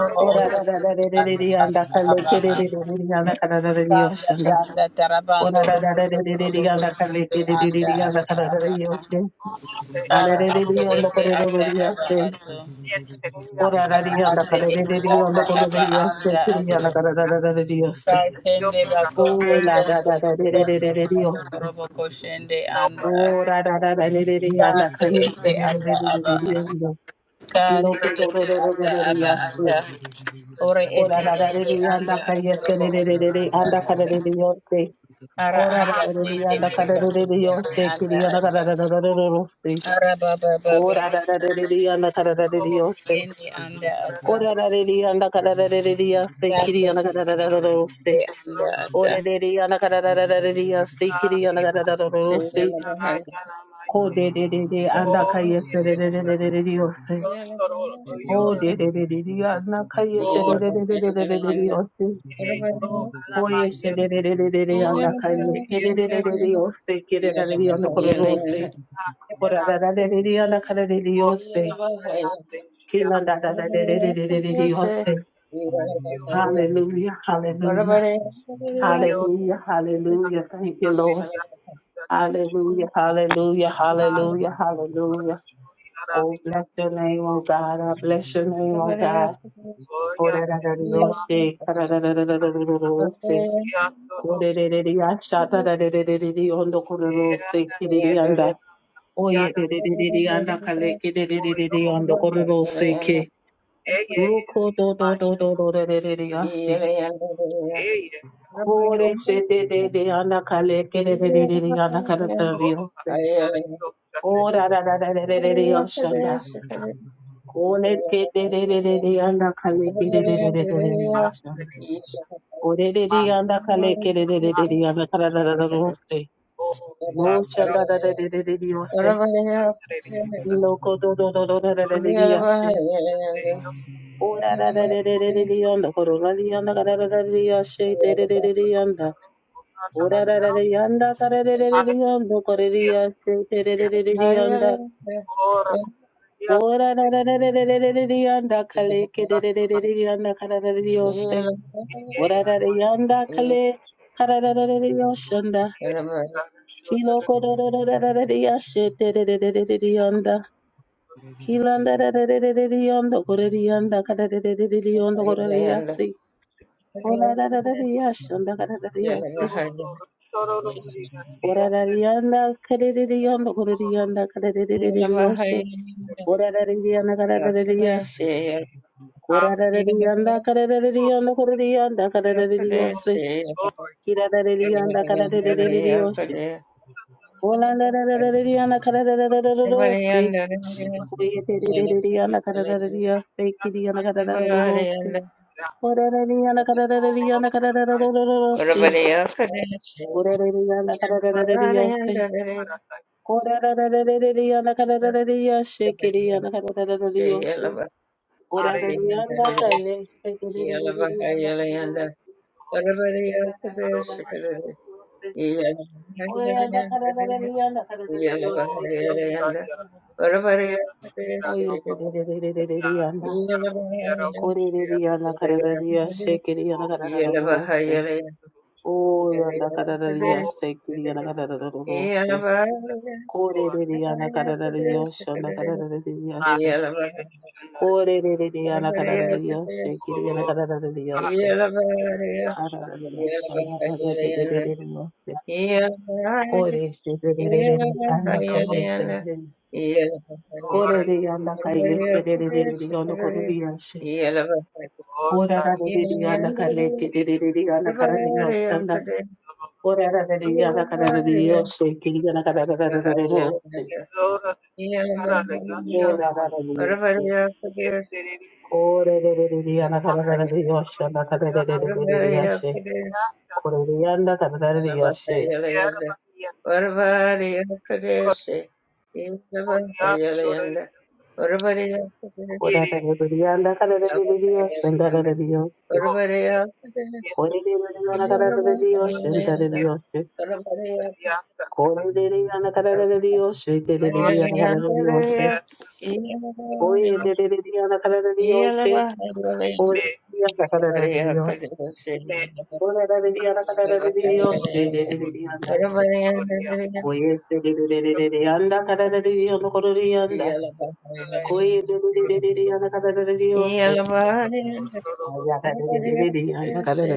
Speaker 6: Oro oto
Speaker 3: Ora ra ra
Speaker 6: ete
Speaker 3: ra re re re
Speaker 6: ata
Speaker 3: re anda
Speaker 6: ata
Speaker 3: kalle
Speaker 6: aba
Speaker 3: ke re
Speaker 6: a.
Speaker 3: re re re re anda kara ra re re
Speaker 6: Tanda
Speaker 3: yoshanda.
Speaker 6: tanda tarabando
Speaker 3: Ora ra ra ra
Speaker 6: roboto
Speaker 3: re re re re
Speaker 6: roboto
Speaker 3: anda kalle
Speaker 6: sende
Speaker 3: ke re re re
Speaker 6: anda
Speaker 3: re anda
Speaker 6: ata
Speaker 3: kara ra re
Speaker 6: aba a.
Speaker 3: yoshanda.
Speaker 2: Monte,
Speaker 3: Ale
Speaker 6: Ara
Speaker 3: re re
Speaker 2: Iarama,
Speaker 6: ate
Speaker 3: re ondo
Speaker 6: ete
Speaker 3: koro ro ro
Speaker 6: ata
Speaker 3: re
Speaker 6: aba
Speaker 3: yase.
Speaker 6: ato.
Speaker 2: yes, Korea
Speaker 3: Ora ra
Speaker 2: Shana,
Speaker 3: re anda
Speaker 6: ate
Speaker 3: kalle re
Speaker 6: ete
Speaker 3: re re
Speaker 2: Oh
Speaker 6: ata
Speaker 3: ondo
Speaker 2: God,
Speaker 3: koro re
Speaker 6: aba
Speaker 3: yase.
Speaker 6: anda
Speaker 3: Ke re
Speaker 6: ato
Speaker 3: anda kara ra
Speaker 2: yeah,
Speaker 3: ra ra re yose.
Speaker 2: your
Speaker 6: kashende bakondo
Speaker 3: O la ra
Speaker 6: sondo
Speaker 3: ra ra re re
Speaker 7: Zugu
Speaker 3: re
Speaker 6: sokondo
Speaker 3: re re re
Speaker 6: mondo
Speaker 3: yose.
Speaker 6: korobo koshende
Speaker 2: help
Speaker 6: anda
Speaker 2: us to
Speaker 3: O
Speaker 6: ato
Speaker 3: ra ra ra ra re re re anda
Speaker 6: kate
Speaker 3: kalle
Speaker 6: ete
Speaker 3: re re
Speaker 6: ata
Speaker 3: re re re
Speaker 6: aba
Speaker 3: re re
Speaker 6: a
Speaker 3: yondo.
Speaker 6: kate
Speaker 3: Ilo
Speaker 2: your
Speaker 3: koro ro
Speaker 6: ete
Speaker 3: ro ro ro
Speaker 6: ata
Speaker 3: ro re
Speaker 6: aba ata
Speaker 3: yase.
Speaker 2: Shana,
Speaker 6: ore
Speaker 3: Ora
Speaker 6: ete
Speaker 3: ra ra re
Speaker 6: ende
Speaker 3: re anda
Speaker 6: anda
Speaker 3: kalle re
Speaker 6: atorobo
Speaker 3: re re
Speaker 6: oto
Speaker 3: re re
Speaker 6: anda
Speaker 3: anda kara
Speaker 6: ata
Speaker 3: re re yose.
Speaker 6: ara
Speaker 3: Kora da
Speaker 6: anda
Speaker 2: have
Speaker 3: da da da
Speaker 6: tende
Speaker 3: da kada
Speaker 6: kiriba
Speaker 2: Korea, oh,
Speaker 3: da da da yo
Speaker 6: koshende
Speaker 3: se
Speaker 6: anda
Speaker 3: kiri yana
Speaker 6: ata
Speaker 3: kada da da da da
Speaker 2: Korea,
Speaker 3: da se.
Speaker 6: ara baba baba
Speaker 3: Kora
Speaker 6: baba
Speaker 3: da da da da da yana kada da da da yo se.
Speaker 6: yende anda ata
Speaker 3: Kora da da da yana kada da da da da ya se kiri
Speaker 6: kate
Speaker 3: yana kada da da da da se.
Speaker 6: ete anda
Speaker 2: oh, Korea,
Speaker 6: ata
Speaker 3: Ora da da yana kada da da da da ya
Speaker 2: Yo,
Speaker 3: se kiri yana kada da da da da se. Ko de de de de anda kaya se de de de de de de yo se. O de de de de de anda kaya se de de de de de de de de de yo se.
Speaker 7: Thank
Speaker 3: Koye se de de de de de de anda kaya. Kiri de de de de yo se kiri da da da yana kada da se. Ora da da da da da da ka da da da yo se. Ki da da da da da da da da da da yo se. Hallelujah, hallelujah, hallelujah, hallelujah. Thank you,
Speaker 1: Yeah.
Speaker 2: something,
Speaker 3: Lord.
Speaker 2: yeah, that I'm sure.
Speaker 3: Hallelujah, hallelujah,
Speaker 2: ah
Speaker 3: hallelujah, hallelujah.
Speaker 2: Parshuram
Speaker 3: Oh,
Speaker 2: Devi
Speaker 3: bless your name,
Speaker 2: जो
Speaker 3: oh God. I bless your name, oh God.
Speaker 2: भैया
Speaker 3: Ora da
Speaker 2: की
Speaker 3: da da yo
Speaker 2: नमः
Speaker 3: se. Ka da da da da da da da da
Speaker 2: Arihant
Speaker 3: yo se.
Speaker 2: यह
Speaker 3: Ko
Speaker 2: स्वरूप
Speaker 3: de de de de ya sha da da de de de de de yo ko de ro se. Ki
Speaker 2: देवरानं
Speaker 3: de de
Speaker 2: येव
Speaker 3: ya
Speaker 1: Yeah.
Speaker 3: Oye de
Speaker 2: यादन
Speaker 3: de de de de ya ka le. Ki de de de de de
Speaker 2: भोइलोग
Speaker 3: yo ko de ro
Speaker 2: बंदी
Speaker 3: se ke.
Speaker 2: ऐ ये
Speaker 3: Lukho do do
Speaker 2: माय
Speaker 3: do do do re re re re yashi.
Speaker 2: ऐ ये मायो
Speaker 3: Kore se de de de ana kale ke re re re re ana kale kala
Speaker 2: ओ
Speaker 3: roste.
Speaker 2: आपके सारे योग करने
Speaker 3: Ora
Speaker 2: दिया
Speaker 3: ra ra ra re re re re yasha nda. Kore ke de de de de ana kale ke de de de de yasha
Speaker 2: माता
Speaker 3: nda.
Speaker 2: लीला
Speaker 3: Ore de de ana
Speaker 2: माता
Speaker 3: kale ke de de de de ana
Speaker 2: माता
Speaker 3: kale kala roste.
Speaker 2: वो
Speaker 3: No
Speaker 2: last
Speaker 3: yasha
Speaker 2: तरफ
Speaker 3: nda de de
Speaker 2: नरेलिया तक
Speaker 3: de
Speaker 2: वहाँ
Speaker 3: de
Speaker 2: जो भी
Speaker 3: yashi.
Speaker 2: निकलते ही हम
Speaker 3: Ora ra ra ra re re
Speaker 2: उसको
Speaker 3: re re yanda. Horo la yanda kala re re yashi de de de de yanda.
Speaker 2: तरफ घुमाता है
Speaker 3: Ora ra ra
Speaker 2: यार
Speaker 3: ra yanda kara ra ra ra
Speaker 2: आये
Speaker 3: yanda kara ra yase te ra
Speaker 2: ये
Speaker 3: ra ra ra yanda.
Speaker 1: Yellow,
Speaker 2: और ये
Speaker 3: Ora ra
Speaker 2: सुनने
Speaker 3: ra ra ra ra ra ra Orarararariyanda kale ke
Speaker 2: को
Speaker 3: ra
Speaker 2: तरफ
Speaker 3: ra
Speaker 7: you.
Speaker 2: India नवाज़
Speaker 3: Orararariyanda kale
Speaker 7: Zulu
Speaker 3: karararariyoshanda.
Speaker 2: ये India का रिश्ता
Speaker 3: Kilo
Speaker 2: तरफ Delhi
Speaker 3: koro ra ra ra koreriyanda karararaririyondo ra ra karararariyose.
Speaker 2: तो और सारा लोग जीना चाहते हैं
Speaker 3: Orarariyana karereriyondo
Speaker 2: तो
Speaker 3: koreriyanda karererereriyoshe. Orarariyana karerereriyasi.
Speaker 2: इंफाम
Speaker 3: Orarariyanda karerereriyondo koreriyanda karerereriyose.
Speaker 2: Over over
Speaker 3: Kirarariyanda
Speaker 2: India
Speaker 3: karererereriyoshe. Olararariyana karererereriyose. Koyererereriyana karerereriyase. Kiriyana karerereriyose.
Speaker 2: India
Speaker 3: Orarariyana
Speaker 2: और
Speaker 3: karerereriyana
Speaker 2: आप
Speaker 3: karerereriyose.
Speaker 1: Everybody else could
Speaker 3: Orarariyana
Speaker 1: Yeah.
Speaker 3: karerereriyose.
Speaker 2: हमारा
Speaker 3: Ora da da da da da da na ka da da da da shake it na ka da da da da da so ora
Speaker 2: अरे
Speaker 3: da da na ka ne shake it da da da na ka da da ora
Speaker 2: रोहतारो
Speaker 3: da da da na ka
Speaker 2: वेसो
Speaker 3: da da da so
Speaker 2: इसलिए
Speaker 3: ora da ka
Speaker 2: mind
Speaker 3: da da da na ka da da
Speaker 2: तो
Speaker 3: da shake it na
Speaker 2: रफ्तार
Speaker 3: ka da da da Oh, yeah
Speaker 2: रणम
Speaker 3: da da da da da
Speaker 2: या
Speaker 3: da na
Speaker 2: ये Rahul
Speaker 3: Kore
Speaker 2: Shiv
Speaker 3: riri yana karara riyosho da da da shake it na ka da da da so oh yeah da ka da da
Speaker 2: oh oh oh
Speaker 3: shake it na ka da da da so
Speaker 2: oh
Speaker 3: kore da da na ka da da da shake it na ka da da da
Speaker 2: नाथ ये लेकिन Naresh
Speaker 3: Korererereyanakararariyose,
Speaker 2: ओह
Speaker 3: kiriyanakaraririyose,
Speaker 2: कार्य रियाशन
Speaker 3: karararariyose,
Speaker 1: Yeah.
Speaker 2: रियाशन
Speaker 3: koresherererere, andakayeserere, korereyandakayesererereriyanokoruriyashe,
Speaker 2: ore
Speaker 3: korarararereyandakalekererereriyanakararariyosanda, korarararereyanakararariyose, kiriyanakarararariyose, korararariyose, korerererereyanakararariyosandakaraririyashe, Corerianda Cadarioche,
Speaker 1: Oravaria Kadeshi, Yavahayalanda, Oravaria Kadeshi,
Speaker 3: Corerianda Cadarios, and
Speaker 1: Yavahayalanda,
Speaker 3: Dadarios,
Speaker 1: Oravaria Kadeshi,
Speaker 3: Corerianda Cadarios, and
Speaker 1: Yavahayalanda,
Speaker 3: Dadarios,
Speaker 1: Oravaria
Speaker 3: Corerianda
Speaker 1: Kadeshi, Yavahayalanda,
Speaker 3: Cadarios, Dediriana
Speaker 1: Oravaria Kadeshi,
Speaker 3: Cadarios, Oye
Speaker 1: Yavahayalanda,
Speaker 3: Dediriana Cadarios,
Speaker 1: Oravaria
Speaker 3: Corerianda Cadarios,
Speaker 1: Kadeshi, Yavahayalanda, Yalabari,
Speaker 3: Corerianda
Speaker 1: Oravaria
Speaker 3: Cadarios, Dedirianda, Coyes Dedirianda Cadarios, Corerianda, Coyes
Speaker 2: Yes,
Speaker 3: Dediriana Cadarios, Oh,
Speaker 1: Kadeshi,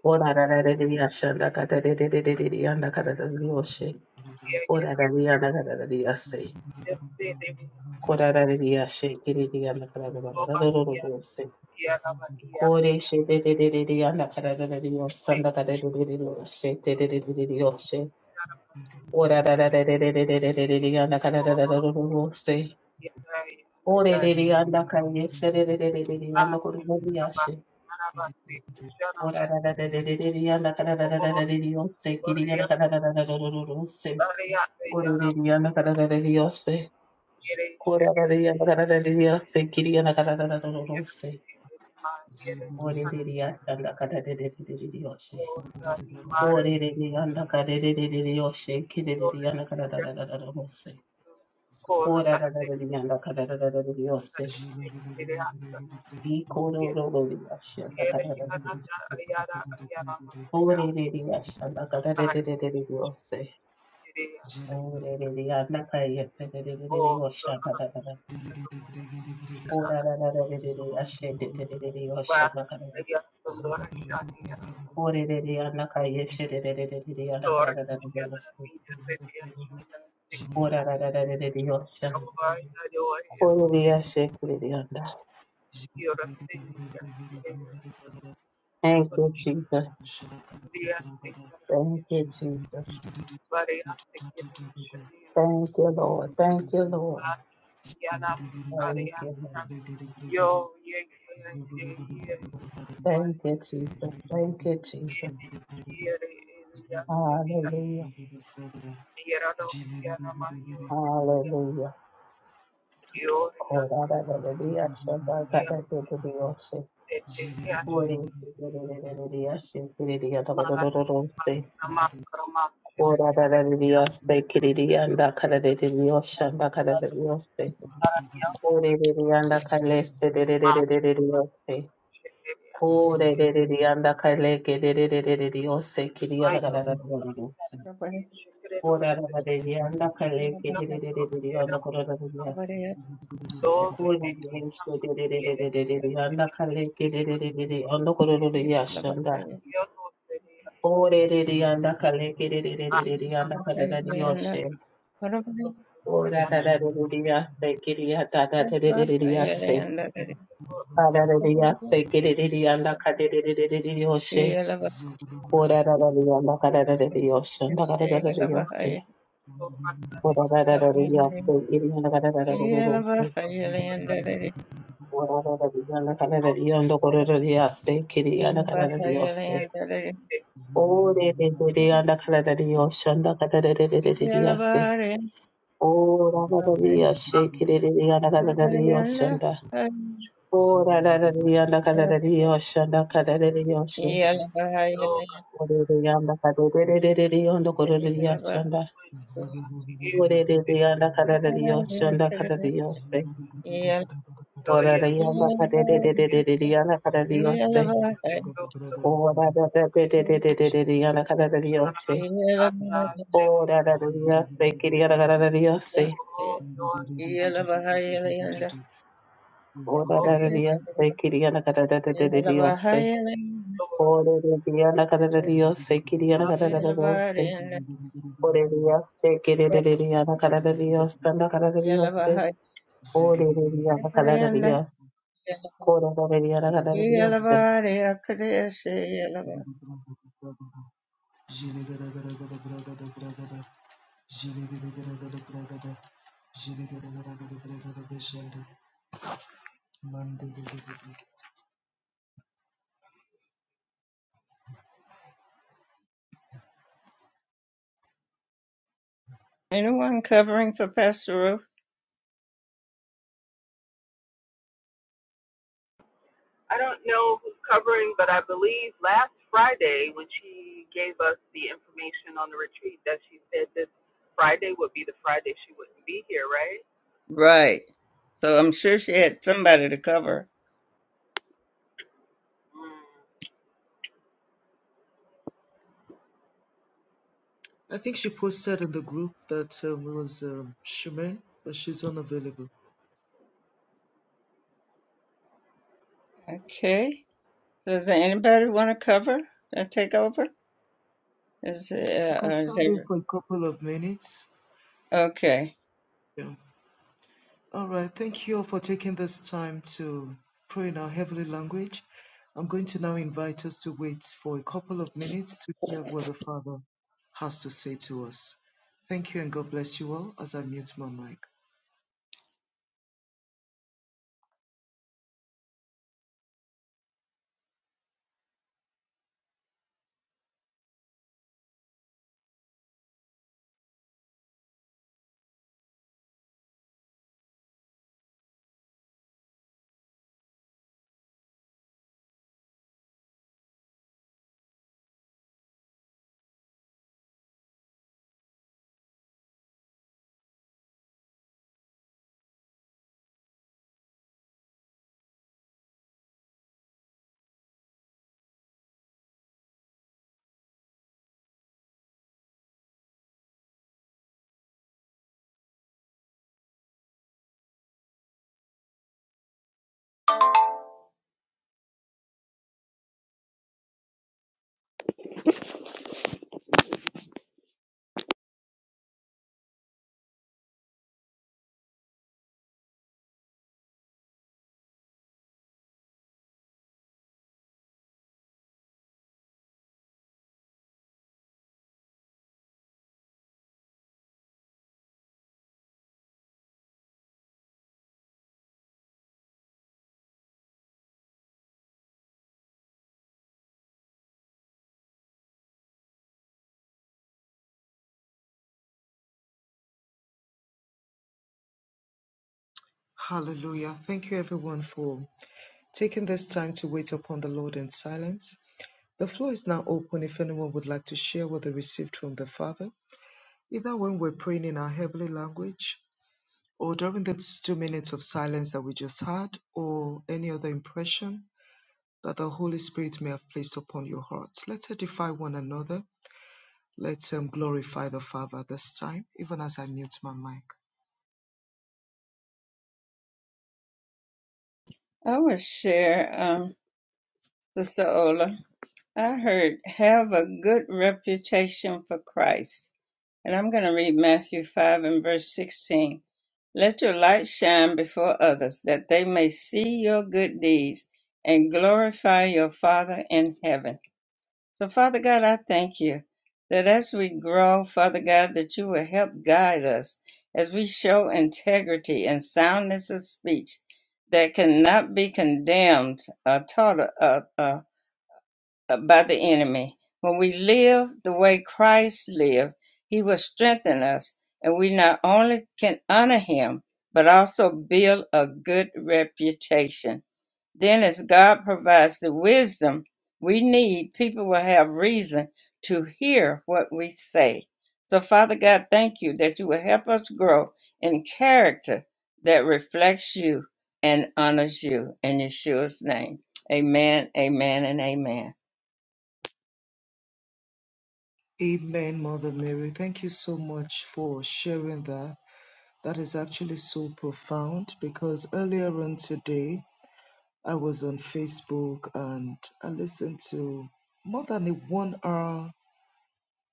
Speaker 3: オラララレリアシャンダカタデデデデデリアンダカタデリオシェ。オララリアンダカタデリアセイ。コララレリアシェキリリアンダカタデバカタドロロロセイ。コレシェデデデデリアンダカタデリオサンダカタデリオシェデデデデリオシェ。オラララレレレレレレレレリアンダカタデロロロロセイ。オレレリアンダカイエセレレレレレリアンダコロロリアシェ。オラララレレレリアンダカタデリオセキリアンダカタデロロロセイ。
Speaker 2: Yeah, yeah. Slovakia, Slovakia, Slovenia, Serbia, Montenegro, Slovenia, Bulgaria, Italy, Austria, Panama, Panama, Seychelles, Oman, Korea, Korea, Arab,
Speaker 3: Oreliyana karararariyose,
Speaker 2: Malaysia,
Speaker 3: korararariyana karararariyose, kiriyana kararararorose,
Speaker 2: Myanmar, Canada,
Speaker 3: oreliyana karararariyose,
Speaker 2: Australia, Malaysia,
Speaker 3: koreliyana karararariyose, kiriyana
Speaker 2: Georgia,
Speaker 3: kararararorose,
Speaker 2: Korea, Pakistan,
Speaker 3: korararariyana karararariyose,
Speaker 2: Sri Lanka,
Speaker 3: ikororororiyana
Speaker 2: che è la più alta della
Speaker 3: karararariyose,
Speaker 2: area della zona montuosa,
Speaker 3: oreliyana
Speaker 2: sai?
Speaker 3: karararariyose,
Speaker 2: Il Rio del Rio,
Speaker 3: oreliyana
Speaker 2: oh, no, no, no, non
Speaker 3: karararariyose,
Speaker 2: lo so. Scusa, va, la ghiacciaia del Doraschi, il torrente che nasce
Speaker 3: オーララララレレレヤシェデデデデレヨシャナカラレオーレレレヤナカイエシェデデデデデレヤナカララララレヨシオーララララレレレヨシャオレレヤシェクレレヤンダ
Speaker 2: da lì, che è il più grande, ovviamente, il Rio del Rio, il Rio del Rio,
Speaker 3: Thank
Speaker 2: quello che
Speaker 3: you,
Speaker 7: Zulu
Speaker 3: Jesus.
Speaker 2: è il più grande del
Speaker 3: Thank you,
Speaker 2: Brasile,
Speaker 3: Jesus.
Speaker 2: variante che tu non hai.
Speaker 3: Thank you, Lord. Thank you, Lord.
Speaker 2: आप या ना मारें
Speaker 3: Thank
Speaker 2: या
Speaker 3: you,
Speaker 2: ना
Speaker 3: Lord.
Speaker 2: यो ये ये ये ये ये
Speaker 3: Thank you,
Speaker 2: बनवाले ये ये
Speaker 3: Jesus. Thank you,
Speaker 2: ये
Speaker 3: Jesus.
Speaker 2: ये ये ये
Speaker 3: Hallelujah.
Speaker 2: ये रातों या ना मारियो योर
Speaker 3: Hallelujah.
Speaker 2: योर या
Speaker 3: オーラララレレヤシャナカラレレレヨシ
Speaker 2: फिर ये ऐसे
Speaker 3: Kore se kererererere ashe kereriya
Speaker 2: मार
Speaker 3: takorororose.
Speaker 2: मार मार करो मार शरीर
Speaker 3: Kora
Speaker 2: या
Speaker 3: darareriya se kereriya anda kararereriya osha anda
Speaker 2: ना
Speaker 3: karareriya se. Kore reriya anda kare se dererererereriya se.
Speaker 2: शरीर हो या
Speaker 3: Kore reriya anda kare kererererereriya se kiriya anda
Speaker 2: मायो
Speaker 3: kararereriya se.
Speaker 2: ये शरीरों
Speaker 3: Kora darareriya anda kare kererererereriya anda
Speaker 2: पे
Speaker 3: kararereriya se.
Speaker 2: Då
Speaker 1: Yeah.
Speaker 2: det
Speaker 3: Kore reriya se
Speaker 2: tillsammans ger ett
Speaker 3: dererererereriya anda
Speaker 2: intresse.
Speaker 3: kare kererererereriya anda kararereriya se.
Speaker 2: Jag återger
Speaker 3: Orererianda
Speaker 2: att
Speaker 3: kalekerererererianda kararariyoshe.
Speaker 2: de reaktioner
Speaker 3: Orarararereriyase kiriyatatarerereriyase. Ararariyase kerereriyanda karerererereriyoshe. Orararariyanda karararariyoshe. Ndakarararariyose.
Speaker 2: som använder jorden
Speaker 3: Orararariyase kiriyanda karararariyose.
Speaker 2: under
Speaker 1: Yelabahayeliandaledi-
Speaker 3: Orararariyanda karararariyanda korororiyase kiriyanda karararariyose.
Speaker 1: Yelabahayeliandaledi-
Speaker 3: Orereriyanda karararariyoshe. Ndakarararariyase.
Speaker 1: Yelabahayeliandaledi-
Speaker 3: Ora
Speaker 1: Yelabahayeliandaledi-
Speaker 3: rarariya
Speaker 2: all
Speaker 3: shekereriya rarariya shanda.
Speaker 1: Yelabahayeliandaledi-
Speaker 3: Ora rarariya rarariya shanda karariya she.
Speaker 1: Yelabahayeliandaledi-
Speaker 2: yoga.
Speaker 3: Oreriya ndakarereriya ndakoreriya shanda. Oreriya ndakarariya shanda karariya se.
Speaker 2: Yo
Speaker 3: Ora
Speaker 2: y
Speaker 3: rariya
Speaker 2: es
Speaker 7: Zero
Speaker 3: ndakarereriya ndakarariya se.
Speaker 7: Zhigga-dagga-dagga-dagga-dagga-dagga-dagga.
Speaker 2: de pronto
Speaker 3: Ora rarariya ndakarariya she.
Speaker 2: para hacer
Speaker 3: Ora rarariya shekereriya rarariya se.
Speaker 2: oh, yo en la mujer,
Speaker 3: Ora
Speaker 2: oh, yo
Speaker 3: rarariya
Speaker 1: Yelabahayeliandaledi-
Speaker 3: shekereriya rarariya se. Orereriana kararariyose kiriyana
Speaker 1: Anyone
Speaker 3: kararariyose. Orereriyase
Speaker 2: adoro,
Speaker 3: kererereriyana kararariyose tanda kararariyose. Orereriyana kararariyose. Korororeriyana kararariyose.
Speaker 7: Zhigga-dagga-dagga-dagga-dagga-dagga-dagga. Mande-ge-ge-ge-ge.
Speaker 1: covering for Pastor Ruth?
Speaker 2: I don't know who's covering, but I believe last Friday when she gave us the information on the retreat that she said this Friday would be the Friday she wouldn't be here, right?
Speaker 1: Right. So I'm sure she had somebody to cover.
Speaker 2: Mm.
Speaker 7: I think she posted in the group that um, it was um, Shimen, but she's unavailable.
Speaker 1: Okay. So does anybody want to cover or take over? Is,
Speaker 7: I
Speaker 1: uh,
Speaker 7: can
Speaker 1: or is
Speaker 7: stand in
Speaker 1: there,
Speaker 7: for a couple of minutes.
Speaker 1: okay.
Speaker 7: Yeah. All right. Thank you all for taking this time to pray in our heavenly language. I'm going to now invite us to wait for a couple of minutes to hear what the Father has to say to us. Thank you and God bless you all as I mute my mic. Hallelujah. Thank you everyone for taking this time to wait upon the Lord in silence. The floor is now open if anyone would like to share what they received from the Father, either when we're praying in our heavenly language, or during these two minutes of silence that we just had, or any other impression that the Holy Spirit may have placed upon your hearts. Let's edify one another. Let's um, glorify the Father this time, even as I mute my mic.
Speaker 1: I will share, um, Sister Ola. I heard have a good reputation for Christ. And I'm going to read Matthew 5 and verse 16. Let your light shine before others, that they may see your good deeds and glorify your Father in heaven. So, Father God, I thank you that as we grow, Father God, that you will help guide us as we show integrity and soundness of speech that cannot be condemned or taught, uh, uh, uh, by the enemy. When we live the way Christ lived, he will strengthen us, and we not only can honor him, but also build a good reputation. Then, as God provides the wisdom we need, people will have reason to hear what we say. So, Father God, thank you that you will help us grow in character that reflects you and honors you. In Yeshua's name, amen, amen, and amen.
Speaker 7: Amen, Mother Mary. Thank you so much for sharing that. That is actually so profound because earlier on today, I was on Facebook and I listened to more than a one hour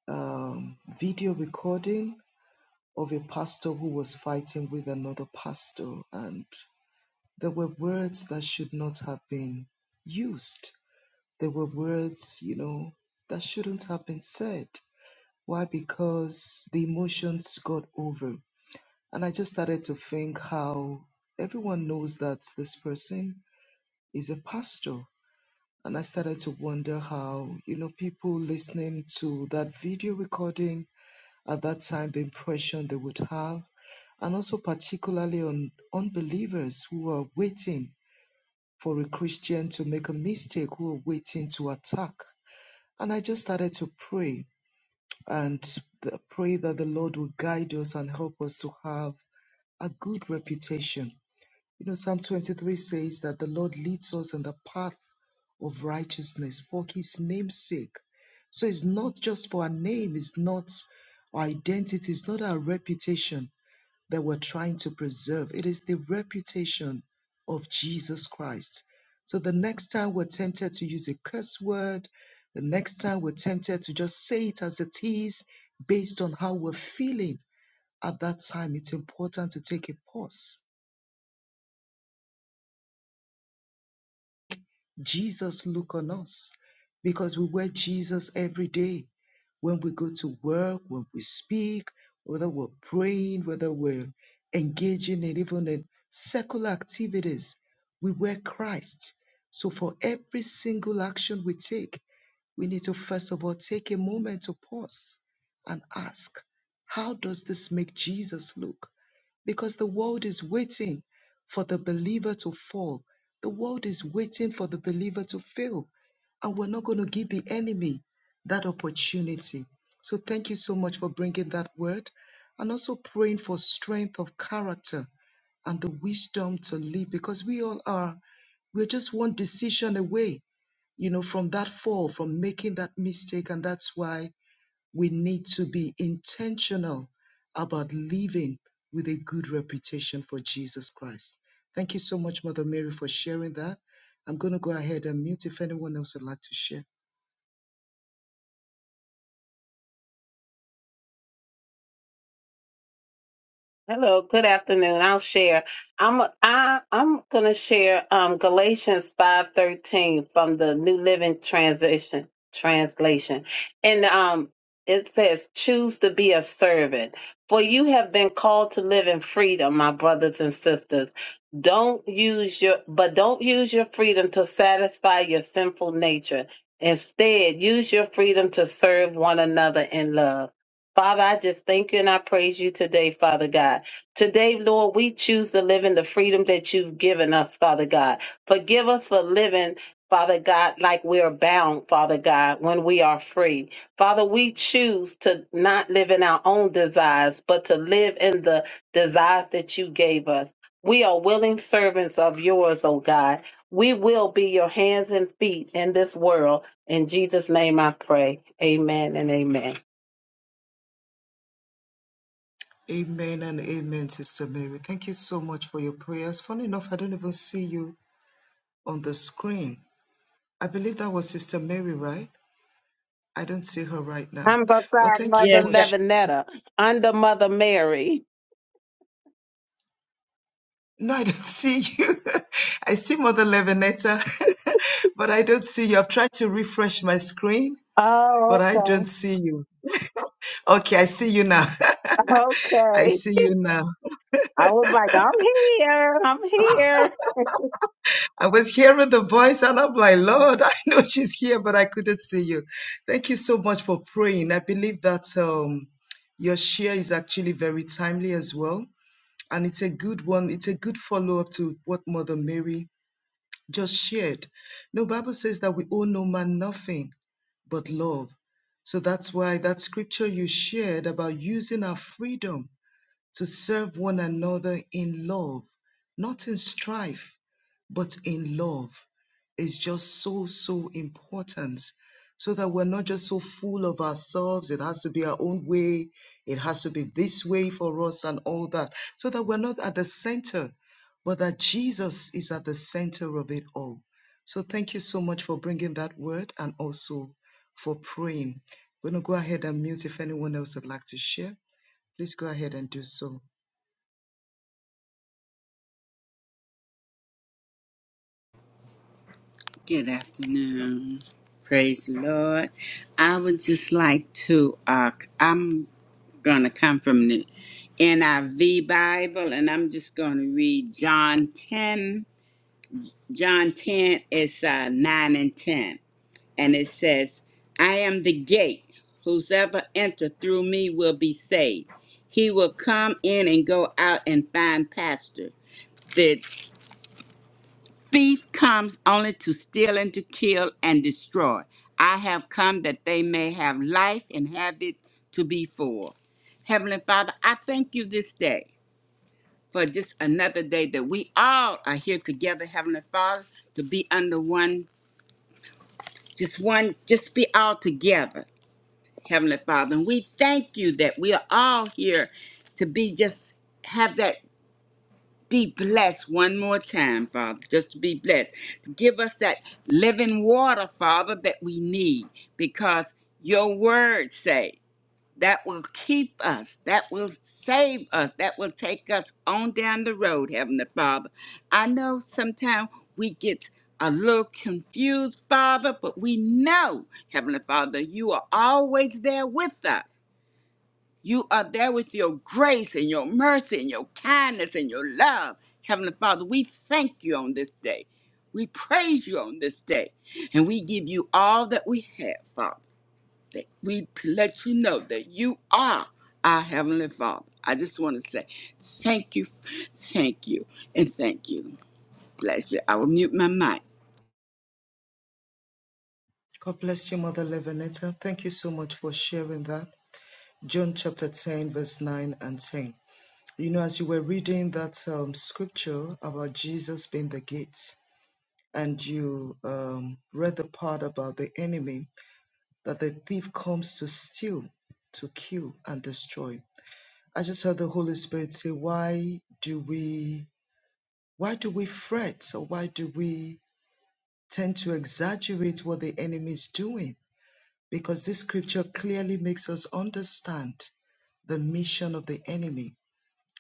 Speaker 7: um, video recording of a pastor who was fighting with another pastor. And there were words that should not have been used. There were words, you know, that shouldn't have been said. Why? Because the emotions got over. And I just started to think how everyone knows that this person is a pastor And I started to wonder how, you know, people listening to that video recording at that time, the impression they would have, and also particularly on unbelievers who are waiting for a Christian to make a mistake, who are waiting to attack. And I just started to pray and th- pray that the Lord will guide us and help us to have a good reputation you know, Psalm 23 says that the Lord leads us in the path of righteousness for his name's sake. So it's not just for our name, it's not our identity, it's not our reputation that we're trying to preserve. It is the reputation of Jesus Christ. So the next time we're tempted to use a curse word, the next time we're tempted to just say it as it is based on how we're feeling at that time, it's important to take a pause Jesus look on us because we wear Jesus every day. When we go to work, when we speak, whether we're praying, whether we're engaging in even in secular activities, we wear Christ. So for every single action we take, we need to first of all take a moment to pause and ask, how does this make Jesus look? because the world is waiting for the believer to fall. The world is waiting for the believer to fail. And we're not going to give the enemy that opportunity. So thank you so much for bringing that word and also praying for strength of character and the wisdom to live because we all are, we're just one decision away, you know, from that fall, from making that mistake. And that's why we need to be intentional about living with a good reputation for Jesus Christ. Thank you so much, Mother Mary, for sharing that. I'm going to go ahead and mute if anyone else would like to share.
Speaker 3: Hello, good afternoon. I'll share. I'm I I'm gonna share um Galatians five thirteen from the New Living Translation translation. And um it says, choose to be a servant. For you have been called to live in freedom, my brothers and sisters. Don't use your but don't use your freedom to satisfy your sinful nature. Instead, use your freedom to serve one another in love. Father, I just thank you and I praise you today, Father God. Today, Lord, we choose to live in the freedom that you've given us, Father God. Forgive us for living, Father God, like we are bound, Father God, when we are free. Father, we choose to not live in our own desires, but to live in the desires that you gave us. We are willing servants of yours, O God. We will be your hands and feet in this world. In Jesus' name I pray. Amen and amen.
Speaker 7: Amen and amen, Sister Mary. Thank you so much for your prayers. Funny enough, I don't even see you on the screen. I believe that was Sister Mary, right? I don't see her right now.
Speaker 3: I'm
Speaker 7: But
Speaker 3: beside
Speaker 7: thank you
Speaker 3: Mother
Speaker 7: for
Speaker 1: Yes, that,
Speaker 3: Levinetta, under Mother Mary.
Speaker 7: No, I don't see you. I see Mother Levinetta, but I don't see you. I've tried to refresh my screen,
Speaker 3: Oh,
Speaker 7: but I
Speaker 3: okay.
Speaker 7: don't see you. Okay, I see you now. I
Speaker 3: Okay.
Speaker 7: see you now.
Speaker 3: I was like, I'm here. I'm here.
Speaker 7: I was hearing the voice and I'm like, Lord, I know she's here, but I couldn't see you. Thank you so much for praying. I believe that um, your share is actually very timely as well. And it's a good one. It's a good follow up to what Mother Mary just shared. No, Bible says that we owe no man nothing but love. So that's why that scripture you shared about using our freedom to serve one another in love, not in strife, but in love is just so, so important. So that we're not just so full of ourselves. It has to be our own way. It has to be this way for us and all that. So that we're not at the center, but that Jesus is at the center of it all. So thank you so much for bringing that word and also for praying. I'm going to go ahead and mute if anyone else would like to share. Please go ahead and do so.
Speaker 5: Good afternoon. Praise the Lord. I would just like to. Uh, I'm going to come from the NIV Bible, and I'm just going to read John 10. John 10 is uh, 9 and 10, and it says, I am the gate. Whosoever enter through me will be saved. He will come in and go out and find pasture. The thief comes only to steal and to kill and destroy. I have come that they may have life and have it to be full. Heavenly Father, I thank you this day. for just another day that we all are here together, Heavenly Father, to be under one, just one, just be all together, Heavenly Father. And we thank you that we are all here to be just have that be blessed one more time, Father, just to be blessed. To give us that living water, Father, that we need because your word say that will keep us, that will save us, that will take us on down the road, Heavenly Father. I know sometimes we get a little confused, Father, but we know, Heavenly Father, you are always there with us. You are there with your grace and your mercy and your kindness and your love. Heavenly Father, we thank you on this day. We praise you on this day. And we give you all that we have, Father that we let you know that you are our Heavenly Father. I just want to say thank you, thank you, and thank you. Bless you. I will mute my mic.
Speaker 7: God bless you, Mother Levinetta. Thank you so much for sharing that. John chapter 10, verse 9 and 10. You know, as you were reading that um, scripture about Jesus being the gate, and you um, read the part about the enemy, that the thief comes to steal, to kill, and destroy. I just heard the Holy Spirit say, Why do we why do we fret or why do we tend to exaggerate what the enemy is doing? because this scripture clearly makes us understand the mission of the enemy.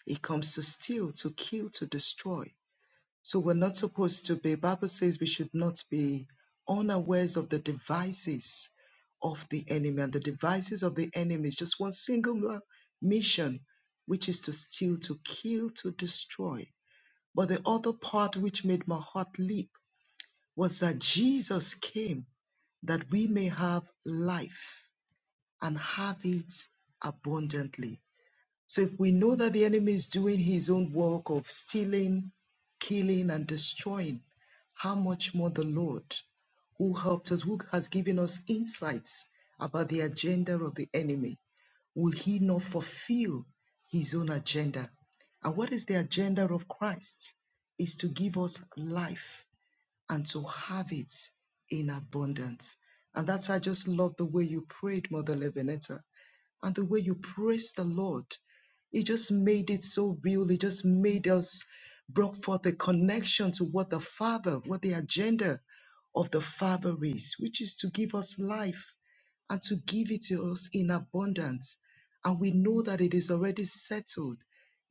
Speaker 7: He comes to steal, to kill, to destroy. So we're not supposed to be, Bible says we should not be unawares of the devices of the enemy. And the devices of the enemy is just one single mission, which is to steal, to kill, to destroy. But the other part which made my heart leap was that Jesus came that we may have life and have it abundantly. So if we know that the enemy is doing his own work of stealing, killing, and destroying, how much more the Lord who helped us, who has given us insights about the agenda of the enemy, will he not fulfill his own agenda? And what is the agenda of Christ? Is to give us life and to have it in abundance. And that's why I just love the way you prayed, Mother Levinetta, and the way you praised the Lord. It just made it so real. It just made us brought forth a connection to what the Father, what the agenda of the Father is, which is to give us life and to give it to us in abundance. And we know that it is already settled,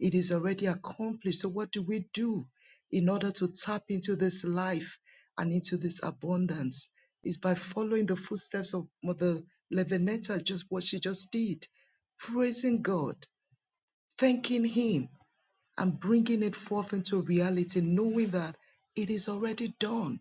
Speaker 7: it is already accomplished. So, what do we do? in order to tap into this life and into this abundance is by following the footsteps of Mother Levinetta, just what she just did, praising God, thanking Him, and bringing it forth into reality, knowing that it is already done.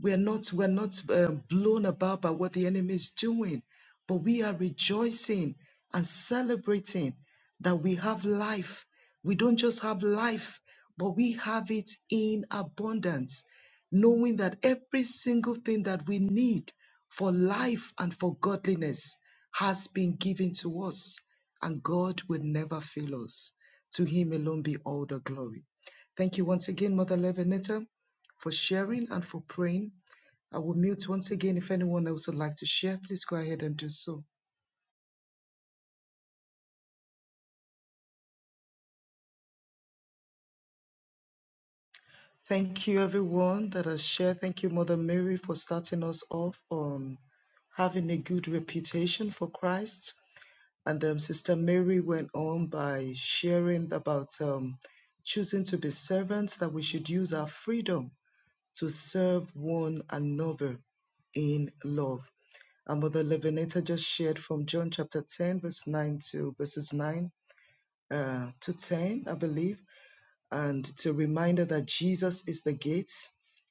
Speaker 7: We're not, we're not uh, blown about by what the enemy is doing, but we are rejoicing and celebrating that we have life. We don't just have life, but we have it in abundance, knowing that every single thing that we need for life and for godliness has been given to us, and God will never fail us. To Him alone be all the glory. Thank you once again, Mother Levinetta, for sharing and for praying. I will mute once again. If anyone else would like to share, please go ahead and do so. Thank you, everyone that has shared. Thank you, Mother Mary, for starting us off on having a good reputation for Christ. And um, Sister Mary went on by sharing about um, choosing to be servants, that we should use our freedom to serve one another in love. And Mother Levinetta just shared from John chapter 10, verse 9 to verses 9 uh, to 10, I believe. And it's a reminder that Jesus is the gate,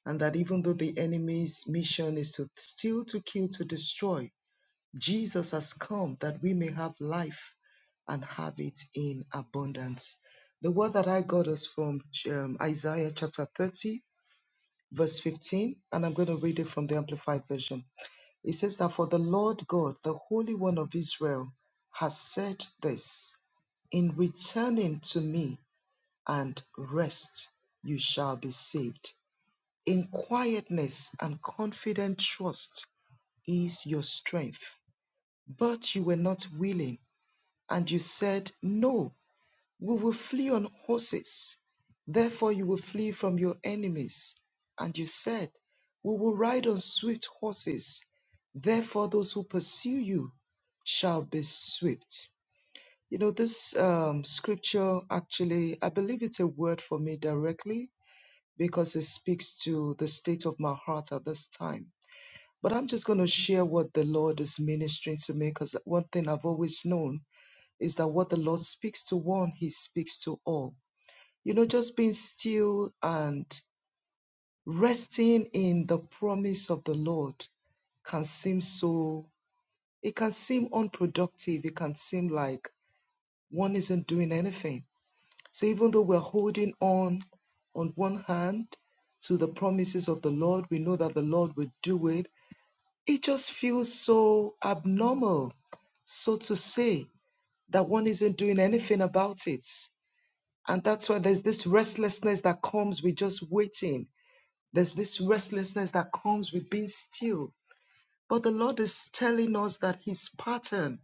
Speaker 7: and that even though the enemy's mission is to steal, to kill, to destroy, Jesus has come that we may have life and have it in abundance. The word that I got is from um, Isaiah chapter 30, verse 15, and I'm going to read it from the Amplified Version. It says that for the Lord God, the Holy One of Israel, has said this In returning to me, and rest, you shall be saved. In quietness and confident trust is your strength. But you were not willing, and you said, No, we will flee on horses. Therefore, you will flee from your enemies. And you said, We will ride on swift horses. Therefore, those who pursue you shall be swift. You know, this um, scripture actually, I believe it's a word for me directly because it speaks to the state of my heart at this time. But I'm just going to share what the Lord is ministering to me because one thing I've always known is that what the Lord speaks to one, He speaks to all. You know, just being still and resting in the promise of the Lord can seem so, it can seem unproductive. It can seem like one isn't doing anything So even though we're holding on on one hand to the promises of the Lord, we know that the Lord will do it. It just feels so abnormal, so to say, that one isn't doing anything about it. And that's why there's this restlessness that comes with just waiting. There's this restlessness that comes with being still. But the Lord is telling us that His pattern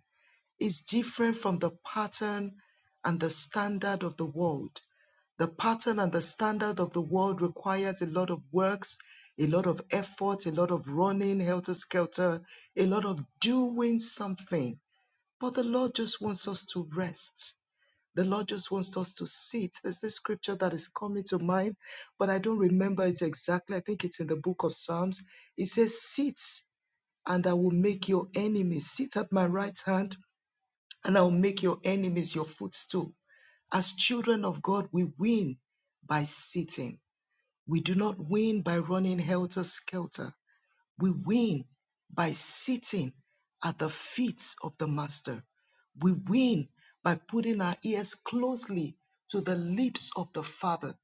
Speaker 7: is different from the pattern and the standard of the world. The pattern and the standard of the world requires a lot of works, a lot of effort, a lot of running helter skelter, a lot of doing something. But the Lord just wants us to rest. The Lord just wants us to sit. There's this scripture that is coming to mind, but I don't remember it exactly. I think it's in the book of Psalms. It says, Sit and I will make your enemies sit at my right hand and I'll make your enemies your footstool. As children of God, we win by sitting. We do not win by running helter skelter. We win by sitting at the feet of the Master. We win by putting our ears closely to the lips of the Father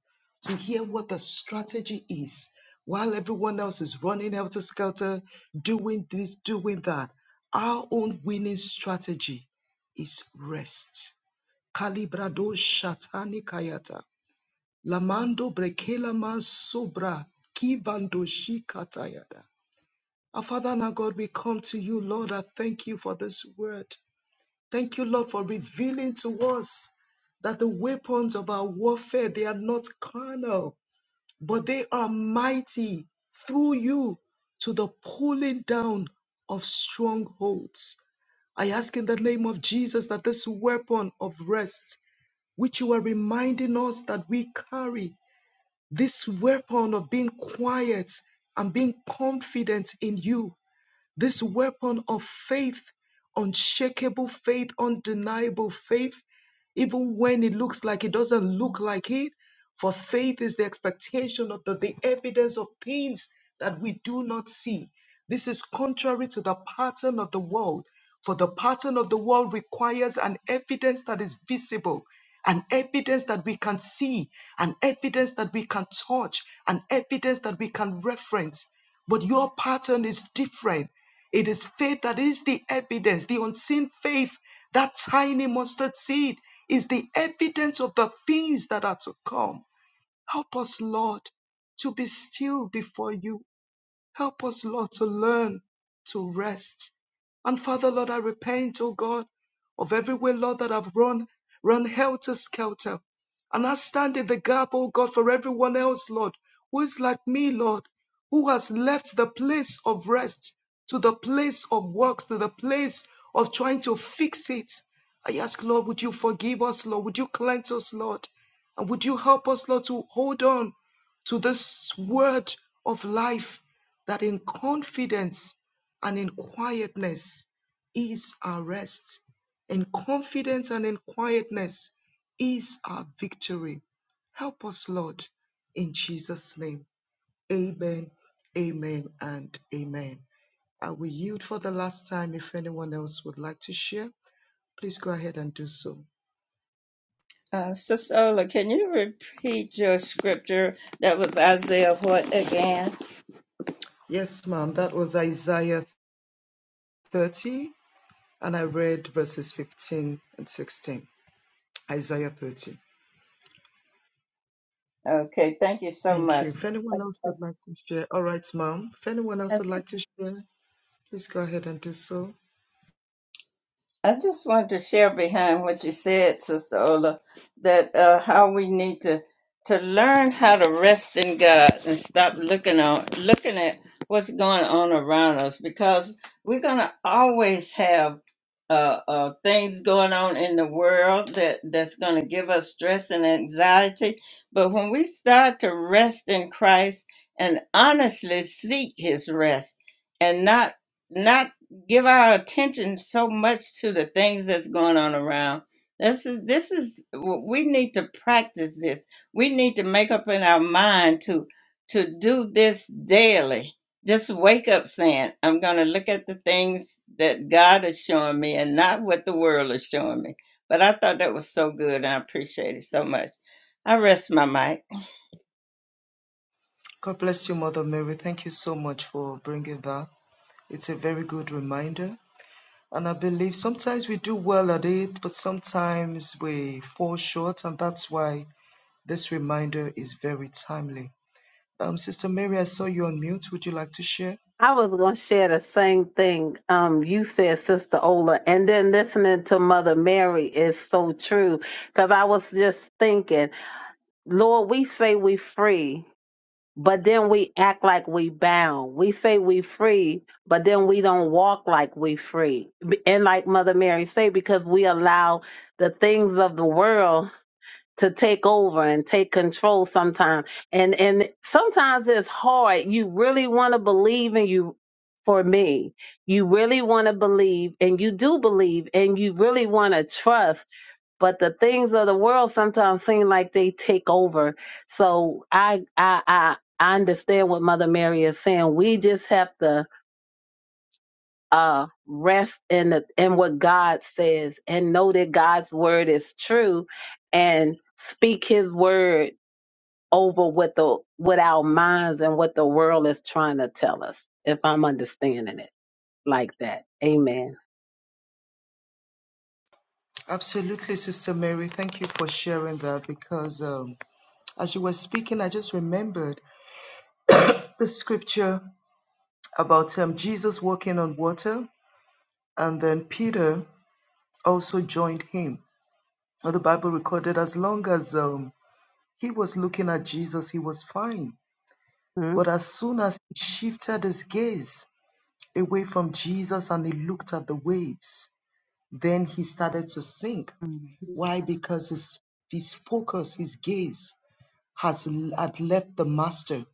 Speaker 7: to hear what the strategy is while everyone else is running helter skelter, doing this, doing that. Our own winning strategy is rest. Calibrado shatani kayata. Lamando brekela man sobra kivando shikatayada. Our Father and our God, we come to you, Lord. I thank you for this word. Thank you, Lord, for revealing to us that the weapons of our warfare, they are not carnal, but they are mighty through you to the pulling down of strongholds. I ask in the name of Jesus that this weapon of rest, which you are reminding us that we carry, this weapon of being quiet and being confident in you, this weapon of faith, unshakable faith, undeniable faith, even when it looks like it doesn't look like it. For faith is the expectation of the, the evidence of things that we do not see. This is contrary to the pattern of the world, for the pattern of the world requires an evidence that is visible, an evidence that we can see, an evidence that we can touch, an evidence that we can reference. But your pattern is different. It is faith that is the evidence, the unseen faith, that tiny mustard seed is the evidence of the things that are to come. Help us, Lord, to be still before you Help us, Lord, to learn to rest. And Father, Lord, I repent, oh God, of every way, Lord, that I've run, run helter skelter. And I stand in the gap, oh God, for everyone else, Lord, who is like me, Lord, who has left the place of rest to the place of works, to the place of trying to fix it. I ask, Lord, would you forgive us, Lord? Would you cleanse us, Lord? And would you help us, Lord, to hold on to this word of life that in confidence and in quietness is our rest. In confidence and in quietness is our victory. Help us, Lord, in Jesus' name. Amen, amen, and amen. I will yield for the last time if anyone else would like to share. Please go ahead and do so.
Speaker 1: uh, Sister Ola, can you repeat your scripture? That was Isaiah what again?
Speaker 7: Yes, ma'am. That was Isaiah 30, and I read verses 15 and 16. Isaiah 30.
Speaker 1: Okay, thank you so
Speaker 7: Thank you.
Speaker 1: much.
Speaker 7: If
Speaker 1: I,
Speaker 7: anyone else would like to share, all right, ma'am. If anyone else
Speaker 1: I,
Speaker 7: would like to share, please go ahead and do so.
Speaker 1: I just wanted to share behind what you said, Sister Ola, that uh, how we need to to learn how to rest in God and stop looking on looking at what's going on around us because we're gonna always have uh, uh, things going on in the world that that's gonna give us stress and anxiety. But when we start to rest in Christ and honestly seek His rest and not not give our attention so much to the things that's going on around. This is this is we need to practice this. We need to make up in our mind to to do this daily. Just wake up saying, I'm going to look at the things that God is showing me and not what the world is showing me. But I thought that was so good and I appreciate it so much. I rest my mic.
Speaker 7: God bless you, Mother Mary. Thank you so much for bringing that. It's a very good reminder. And I believe sometimes we do well at it, but sometimes we fall short, and that's why this reminder is very timely. Um, Sister Mary, I saw you on mute. Would you like to share?
Speaker 3: I was going to share the same thing um, you said, Sister Ola. And then listening to Mother Mary is so true. Because I was just thinking, Lord, we say we free, but then we act like we bound. We say we free, but then we don't walk like we free. And like Mother Mary say, because we allow the things of the world to take over and take control sometimes. And and sometimes it's hard. You really want to believe and you for me, you really want to believe and you do believe and you really want to trust, but the things of the world sometimes seem like they take over. So I I I I understand what Mother Mary is saying. We just have to uh rest in the in what God says and know that God's word is true and speak his word over what the what our minds and what the world is trying to tell us if i'm understanding it like that amen
Speaker 7: Absolutely, Sister Mary. Thank you for sharing that because um, as you were speaking, I just remembered the scripture about um, Jesus walking on water, and then Peter also joined him. Now the Bible recorded as long as um, he was looking at Jesus, he was fine.
Speaker 3: Mhm.
Speaker 7: But as soon as he shifted his gaze away from Jesus and he looked at the waves, then he started to sink. Why? Because his, his focus, his gaze has had left the master.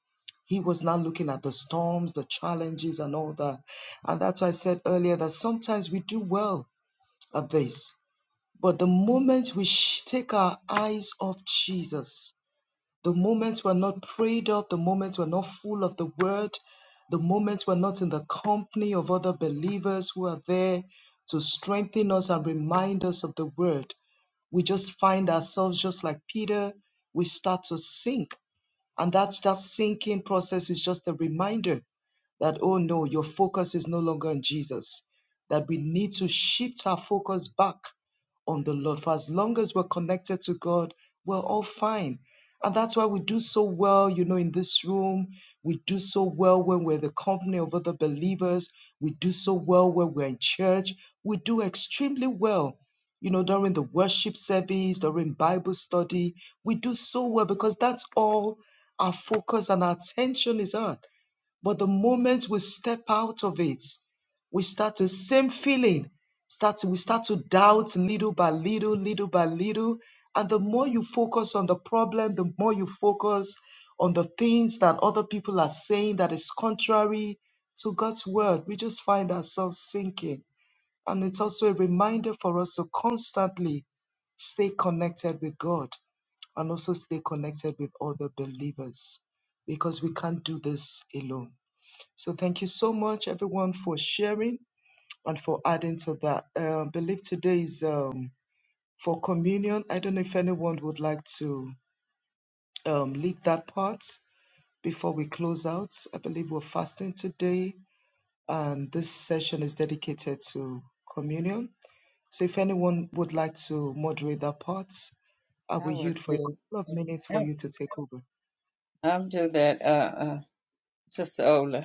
Speaker 7: He was not looking at the storms, the challenges, and all that. And that's why I said earlier that sometimes we do well at this. But the moment we sh- take our eyes off Jesus, the moment we're not prayed up, the moment we're not full of the word, the moment we're not in the company of other believers who are there to strengthen us and remind us of the word, we just find ourselves just like Peter, we start to sink and that's that sinking process is just a reminder that, oh no, your focus is no longer on Jesus, that we need to shift our focus back on the Lord. For as long as we're connected to God, we're all fine. And that's why we do so well, you know, in this room. We do so well when we're the company of other believers. We do so well when we're in church. We do extremely well you know, during the worship service, during Bible study. We do so well because that's all our focus and our attention is on. But the moment we step out of it, we start the same feeling. Start to, we start to doubt little by little, little by little. And the more you focus on the problem, the more you focus on the things that other people are saying that is contrary to God's word, we just find ourselves sinking and it's also a reminder for us to constantly stay connected with God and also stay connected with other believers because we can't do this alone. So thank you so much, everyone, for sharing and for adding to that. Uh, I believe today is um, for communion. I don't know if anyone would like to um, lead that part before we close out. I believe we're fasting today, and this session is dedicated to communion. So if anyone would like to moderate that part, I will
Speaker 1: I would
Speaker 7: yield for a
Speaker 1: be,
Speaker 7: couple of minutes for
Speaker 1: I'll
Speaker 7: you to take over.
Speaker 1: I'll do that, uh, uh, Sister Ola.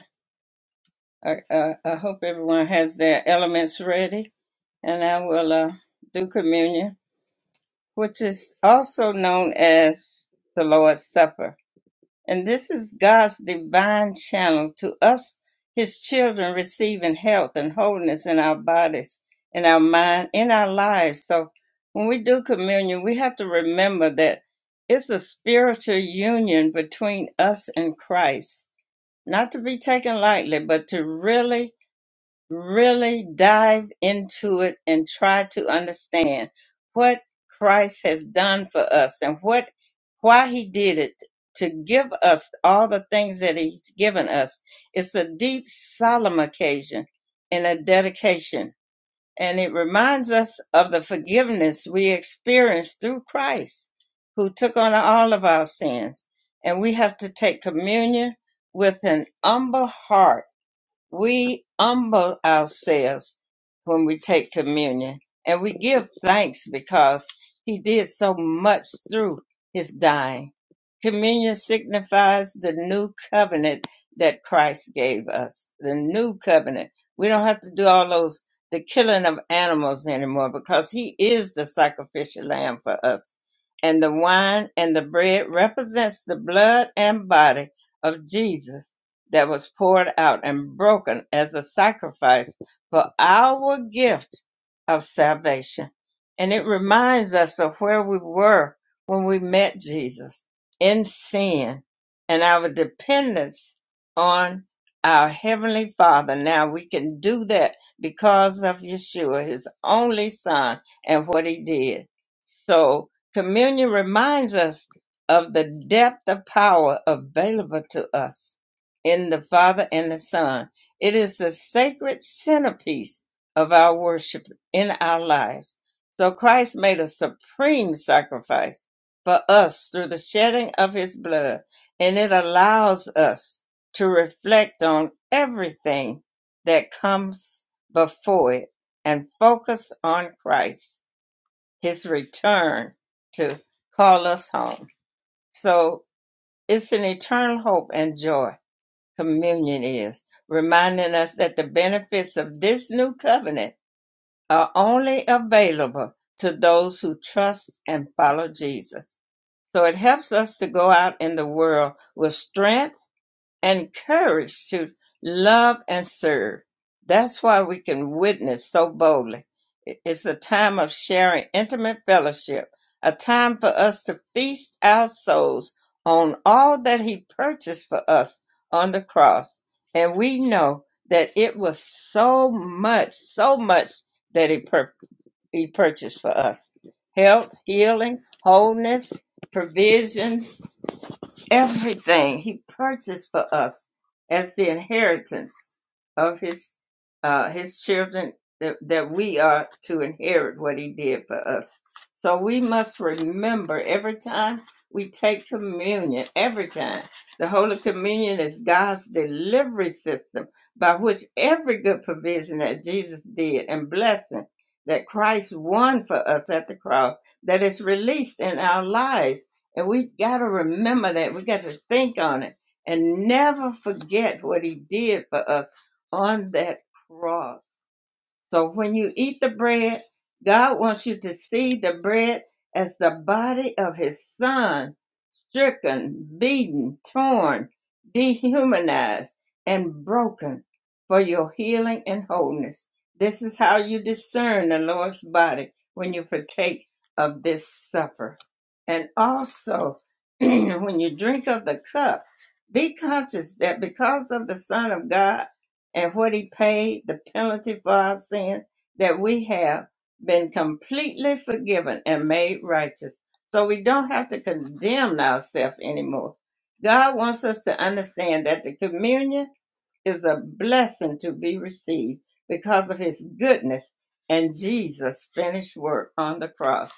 Speaker 1: I, I, I hope everyone has their elements ready, and I will uh, do communion, which is also known as the Lord's Supper. And this is God's divine channel to us, His children, receiving health and wholeness in our bodies, in our mind, in our lives. So when we do communion, we have to remember that it's a spiritual union between us and Christ, not to be taken lightly, but to really really dive into it and try to understand what Christ has done for us and what why he did it to give us all the things that he's given us. It's a deep solemn occasion and a dedication and it reminds us of the forgiveness we experience through Christ who took on all of our sins and we have to take communion with an humble heart we humble ourselves when we take communion and we give thanks because he did so much through his dying. Communion signifies the new covenant that Christ gave us. The new covenant. We don't have to do all those, the killing of animals anymore because he is the sacrificial lamb for us. And the wine and the bread represents the blood and body of Jesus that was poured out and broken as a sacrifice for our gift of salvation. And it reminds us of where we were when we met Jesus in sin and our dependence on our Heavenly Father. Now we can do that because of Yeshua, His only Son, and what He did. So communion reminds us of the depth of power available to us in the Father and the Son. It is the sacred centerpiece of our worship in our lives. So Christ made a supreme sacrifice for us through the shedding of his blood, and it allows us to reflect on everything that comes before it and focus on Christ, his return to call us home. So it's an eternal hope and joy communion is, reminding us that the benefits of this new covenant are only available to those who trust and follow Jesus. So it helps us to go out in the world with strength and courage to love and serve. That's why we can witness so boldly. I- It's a time of sharing intimate fellowship, a time for us to feast our souls on all that He purchased for us on the cross. And we know that it was so much, so much that He purchased he purchased for us health, healing, wholeness, provisions everything he purchased for us as the inheritance of his uh his children that, that we are to inherit what he did for us so we must remember every time we take communion every time the holy communion is god's delivery system by which every good provision that jesus did and blessing that christ won for us at the cross that is released in our lives and we got to remember that. We got to think on it and never forget what he did for us on that cross. So when you eat the bread, God wants you to see the bread as the body of his son, stricken, beaten, torn, dehumanized, and broken for your healing and wholeness. This is how you discern the Lord's body when you partake of this supper. And also, when you drink of the cup, be conscious that because of the Son of God, and what he paid the penalty for our sin, that we have been completely forgiven and made righteous. So we don't have to condemn ourselves anymore. God wants us to understand that the communion is a blessing to be received because of his goodness and Jesus' finished work on the cross.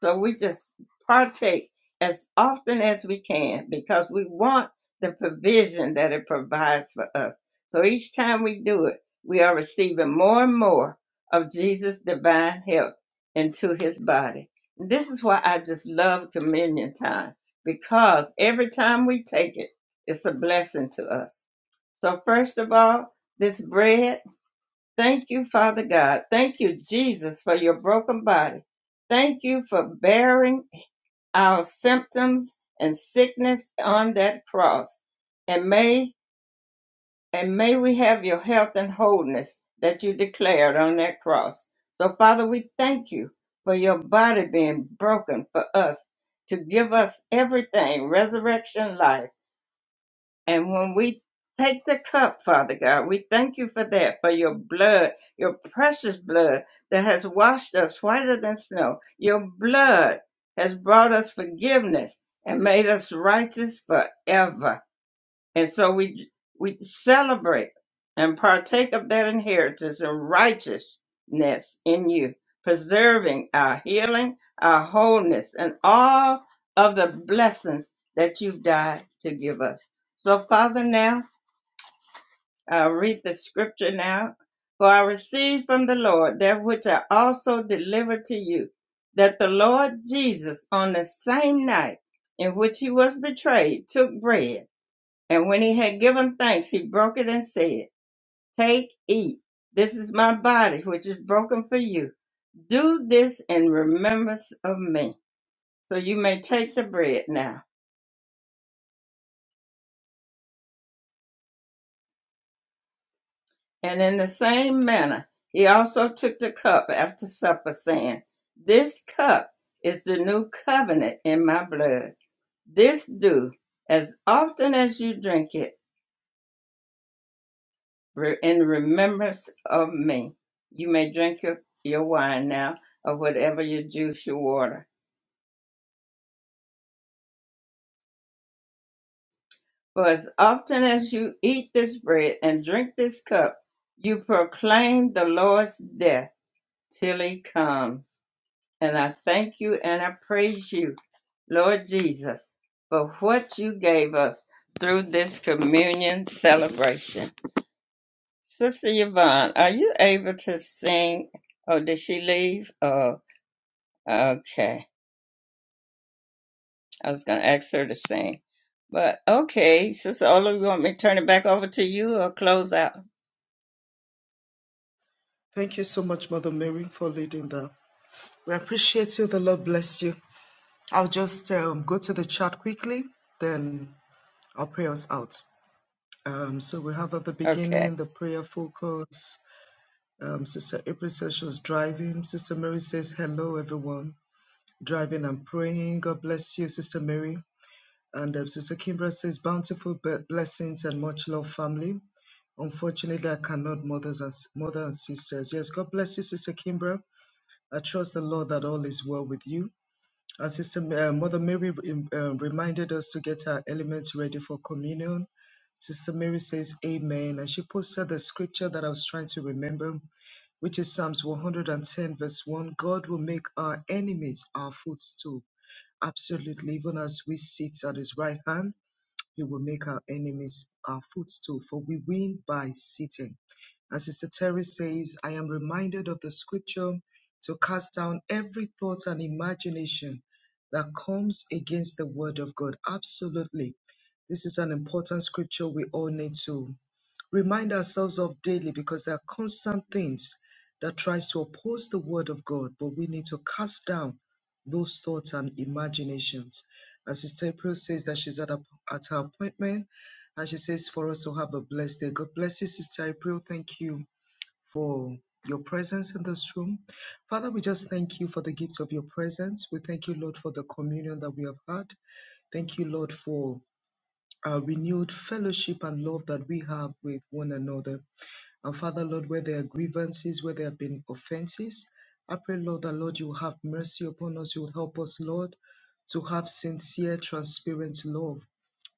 Speaker 1: So we just partake as often as we can because we want the provision that it provides for us. So each time we do it, we are receiving more and more of Jesus' divine help into his body. This is why I just love communion time because every time we take it, it's a blessing to us. So, first of all, this bread, thank you, Father God. Thank you, Jesus, for your broken body. Thank you for bearing our symptoms and sickness on that cross. And may, and may we have your health and wholeness that you declared on that cross. So, Father, we thank you for your body being broken for us to give us everything, resurrection life. And when we take the cup, Father God, we thank you for that, for your blood, your precious blood that has washed us whiter than snow. Your blood has brought us forgiveness and made us righteous forever. And so we we celebrate and partake of that inheritance and righteousness in you, preserving our healing, our wholeness, and all of the blessings that you've died to give us. So, Father, now I read the scripture now. For I received from the Lord that which I also delivered to you, that the Lord Jesus, on the same night in which he was betrayed, took bread. And when he had given thanks, he broke it and said, Take, eat. This is my body, which is broken for you. Do this in remembrance of me. So you may take the bread now. And in the same manner, he also took the cup after supper, saying, This cup is the new covenant in my blood. This do as often as you drink it re- in remembrance of me. You may drink your, your wine now, or whatever your juice, your water. For as often as you eat this bread and drink this cup, you proclaim the Lord's death till he comes. And I thank you and I praise you, Lord Jesus, for what you gave us through this communion celebration. Sister Yvonne, are you able to sing? Oh, did she leave? Oh, okay. I was going to ask her to sing. But okay, Sister Ola, you want me to turn it back over to you or close out?
Speaker 7: Thank you so much, Mother Mary, for leading that. We appreciate you. The Lord bless you. I'll just um, go to the chat quickly, then I'll pray us out. Um, so we have at the
Speaker 1: Okay.
Speaker 7: beginning the prayer focus. Um, Sister April says she was driving. Sister Mary says, Hello, everyone. Driving and praying. God bless you, Sister Mary. And um, Sister Kimbra says, bountiful be- blessings and much love, family. Unfortunately, I cannot, mothers and mother and sisters. Yes, God bless you, Sister Kimbra. I trust the Lord that all is well with you. And Sister uh, Mother Mary um, uh, reminded us to get our elements ready for communion. Sister Mary says, Amen. And she posted the scripture that I was trying to remember, which is Psalms 110, verse 1. God will make our enemies our footstool. Absolutely, even as we sit at his right hand. You will make our enemies our footstool, for we win by sitting. And Sister Terry says, I am reminded of the scripture to cast down every thought and imagination that comes against the word of God. Absolutely. This is an important scripture we all need to remind ourselves of daily because there are constant things that tries to oppose the word of god but we need to cast down those thoughts and imaginations as sister april says that she's at, a, at her appointment and she says for us to have a blessed day god bless you sister april thank you for your presence in this room father we just thank you for the gift of your presence we thank you lord for the communion that we have had thank you lord for our renewed fellowship and love that we have with one another and Father, Lord, where there are grievances, where there have been offenses, I pray, Lord, that Lord, you will have mercy upon us. You will help us, Lord, to have sincere, transparent love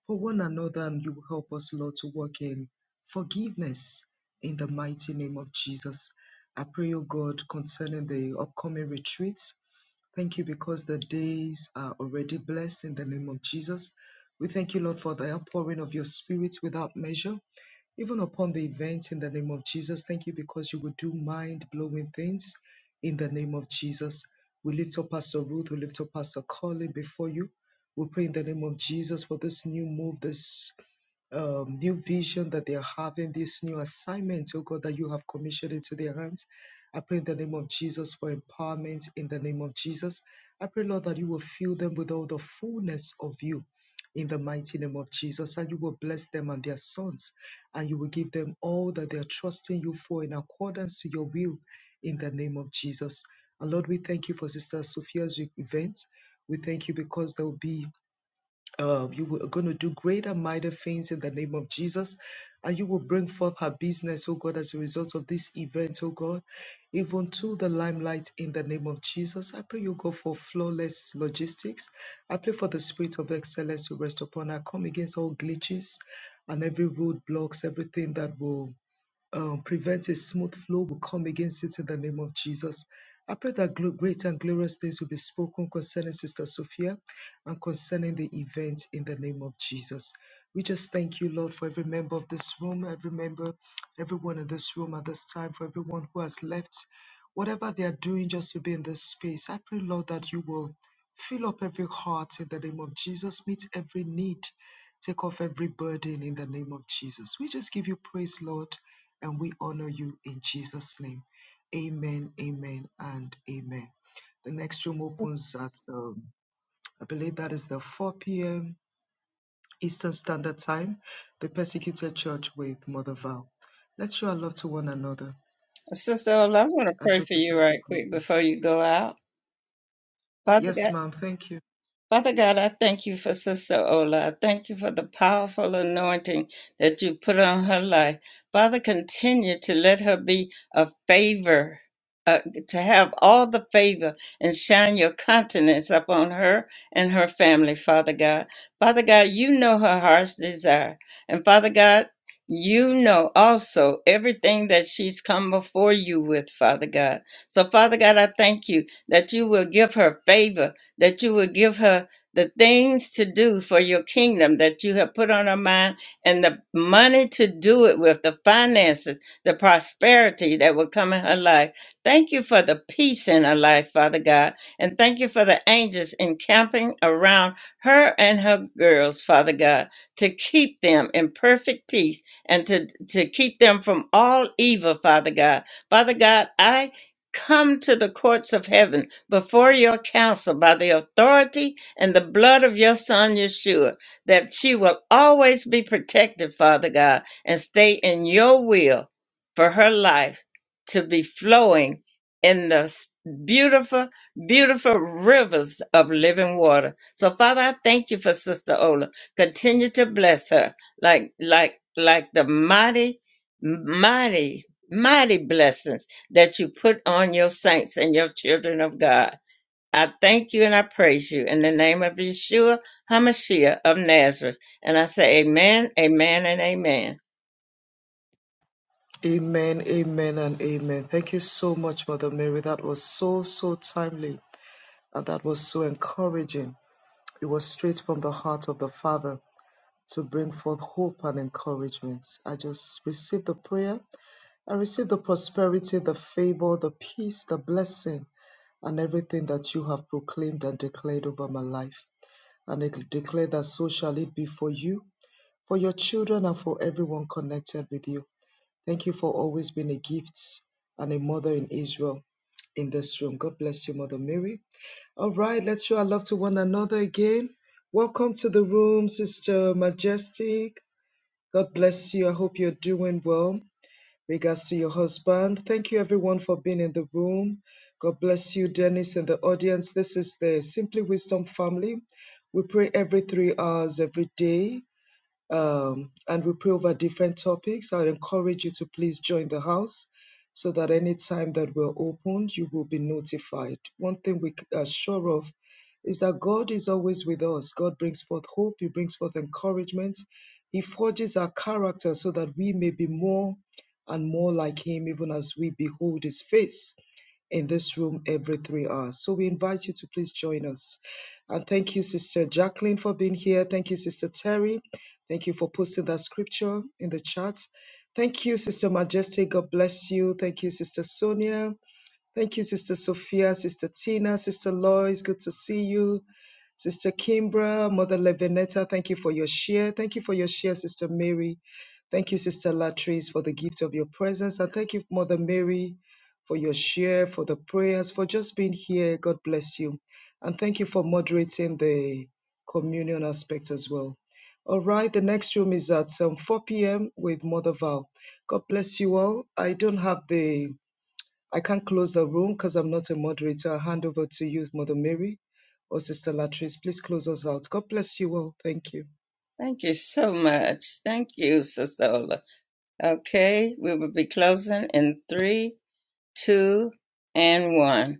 Speaker 7: for one another, and you will help us, Lord, to work in forgiveness in the mighty name of Jesus. I pray, O God, concerning the upcoming retreat. Thank you because the days are already blessed in the name of Jesus. We thank you, Lord, for the outpouring of your spirit without measure even upon the events in the name of Jesus. Thank you because you will do mind blowing things in the name of Jesus. We lift up Pastor Ruth, we lift up Pastor Colin before you. We pray in the name of Jesus for this new move, this um, new vision that they are having, this new assignment, oh God, that you have commissioned into their hands. I pray in the name of Jesus for empowerment in the name of Jesus. I pray, Lord, that you will fill them with all the fullness of you in the mighty name of Jesus, and you will bless them and their sons and you will give them all that they are trusting you for in accordance to your will in the name of Jesus. And Lord, we thank you for Sister Sophia's event. We thank you because there will be uh, you are going to do great and mighty things in the name of Jesus. And you will bring forth her business, oh God, as a result of this event, oh God, even to the limelight in the name of Jesus. I pray you go for flawless logistics. I pray for the spirit of excellence to rest upon her. Come against all glitches and every roadblocks, everything that will um, prevent a smooth flow. We come against it in the name of Jesus. I pray that glo- great and glorious things will be spoken concerning Sister Sophia and concerning the event in the name of Jesus. We just thank you, Lord, for every member of this room, every member, everyone in this room at this time, for everyone who has left, whatever they are doing just to be in this space. I pray, Lord, that you will fill up every heart in the name of Jesus, meet every need, take off every burden in the name of Jesus. We just give you praise, Lord and we honor you in Jesus' name. Amen, amen, and amen. The next room opens at, um, I believe that is the 4 p.m. Eastern Standard Time, the Persecuted Church with Mother Val. Let's show our love to one another
Speaker 1: Sister Ola, I want to
Speaker 7: as
Speaker 1: pray
Speaker 7: we
Speaker 1: for you
Speaker 7: prepare to
Speaker 1: right
Speaker 7: close
Speaker 1: quick
Speaker 7: out.
Speaker 1: before you go out. Father God.
Speaker 7: Yes, ma'am. Thank you.
Speaker 1: Father God, I thank you for Sister Ola. I thank you for the powerful anointing that you put on her life. Father, continue to let her be a favor, uh, to have all the favor and shine your countenance upon her and her family, Father God. Father God, you know her heart's desire. And Father God, you know also everything that she's come before you with, Father God. So, Father God, I thank you that you will give her favor that you would give her the things to do for your kingdom that you have put on her mind and the money to do it with, the finances, the prosperity that will come in her life. Thank you for the peace in her life, Father God. And thank you for the angels encamping around her and her girls, Father God, to keep them in perfect peace and to, to keep them from all evil, Father God. Father God, I Come to the courts of heaven before your counsel by the authority and the blood of your son Yeshua, that she will always be protected, Father God, and stay in your will for her life to be flowing in the s- beautiful, beautiful rivers of living water. So, Father, I thank you for Sister Ola. Continue to bless her like, like, like the mighty, mighty, mighty blessings that you put on your saints and your children of God. I thank you and I praise you in the name of Yeshua HaMashiach of Nazareth. And I say amen, amen, and amen.
Speaker 7: Amen, amen, and amen. Thank you so much, Mother Mary. That was so, so timely, and that was so encouraging. It was straight from the heart of the Father to bring forth hope and encouragement. I just receive the prayer. I receive the prosperity, the favor, the peace, the blessing, and everything that you have proclaimed and declared over my life. And I declare that so shall it be for you, for your children, and for everyone connected with you. Thank you for always being a gift and a mother in Israel in this room. God bless you, Mother Mary. All right, let's show our love to one another again. Welcome to the room, Sister Majestic. God bless you. I hope you're doing well. Regards to your husband. Thank you, everyone, for being in the room. God bless you, Dennis, in the audience. This is the Simply Wisdom family. We pray every three hours every day um, and we pray over different topics. I encourage you to please join the house so that anytime that we're opened, you will be notified. One thing we c- are sure of is that God is always with us. God brings forth hope, He brings forth encouragement, He forges our character so that we may be more and more like Him, even as we behold His face in this room every three hours. So we invite you to please join us. And thank you, Sister Jacqueline, for being here. Thank you, Sister Terry. Thank you for posting that scripture in the chat. Thank you, Sister Majesty. God bless you. Thank you, Sister Sonia. Thank you, Sister Sophia, Sister Tina, Sister Lois. Good to see you. Sister Kimbra, Mother Levinetta, thank you for your share. Thank you for your share, Sister Mary. Thank you, Sister Latrice, for the gift of your presence. And thank you, Mother Mary, for your share, for the prayers, for just being here. God bless you. And thank you for moderating the communion aspect as well. All right, the next room is at um, 4 p.m. with Mother Val. God bless you all. I don't have the I can't close the room because I'm not a moderator. I'll hand over to you, Mother Mary or Sister Latrice. Please close us out. God bless you all. Thank you.
Speaker 1: Thank you so much. Thank you, Sister Ola. Okay, we will be closing in three, two, and one.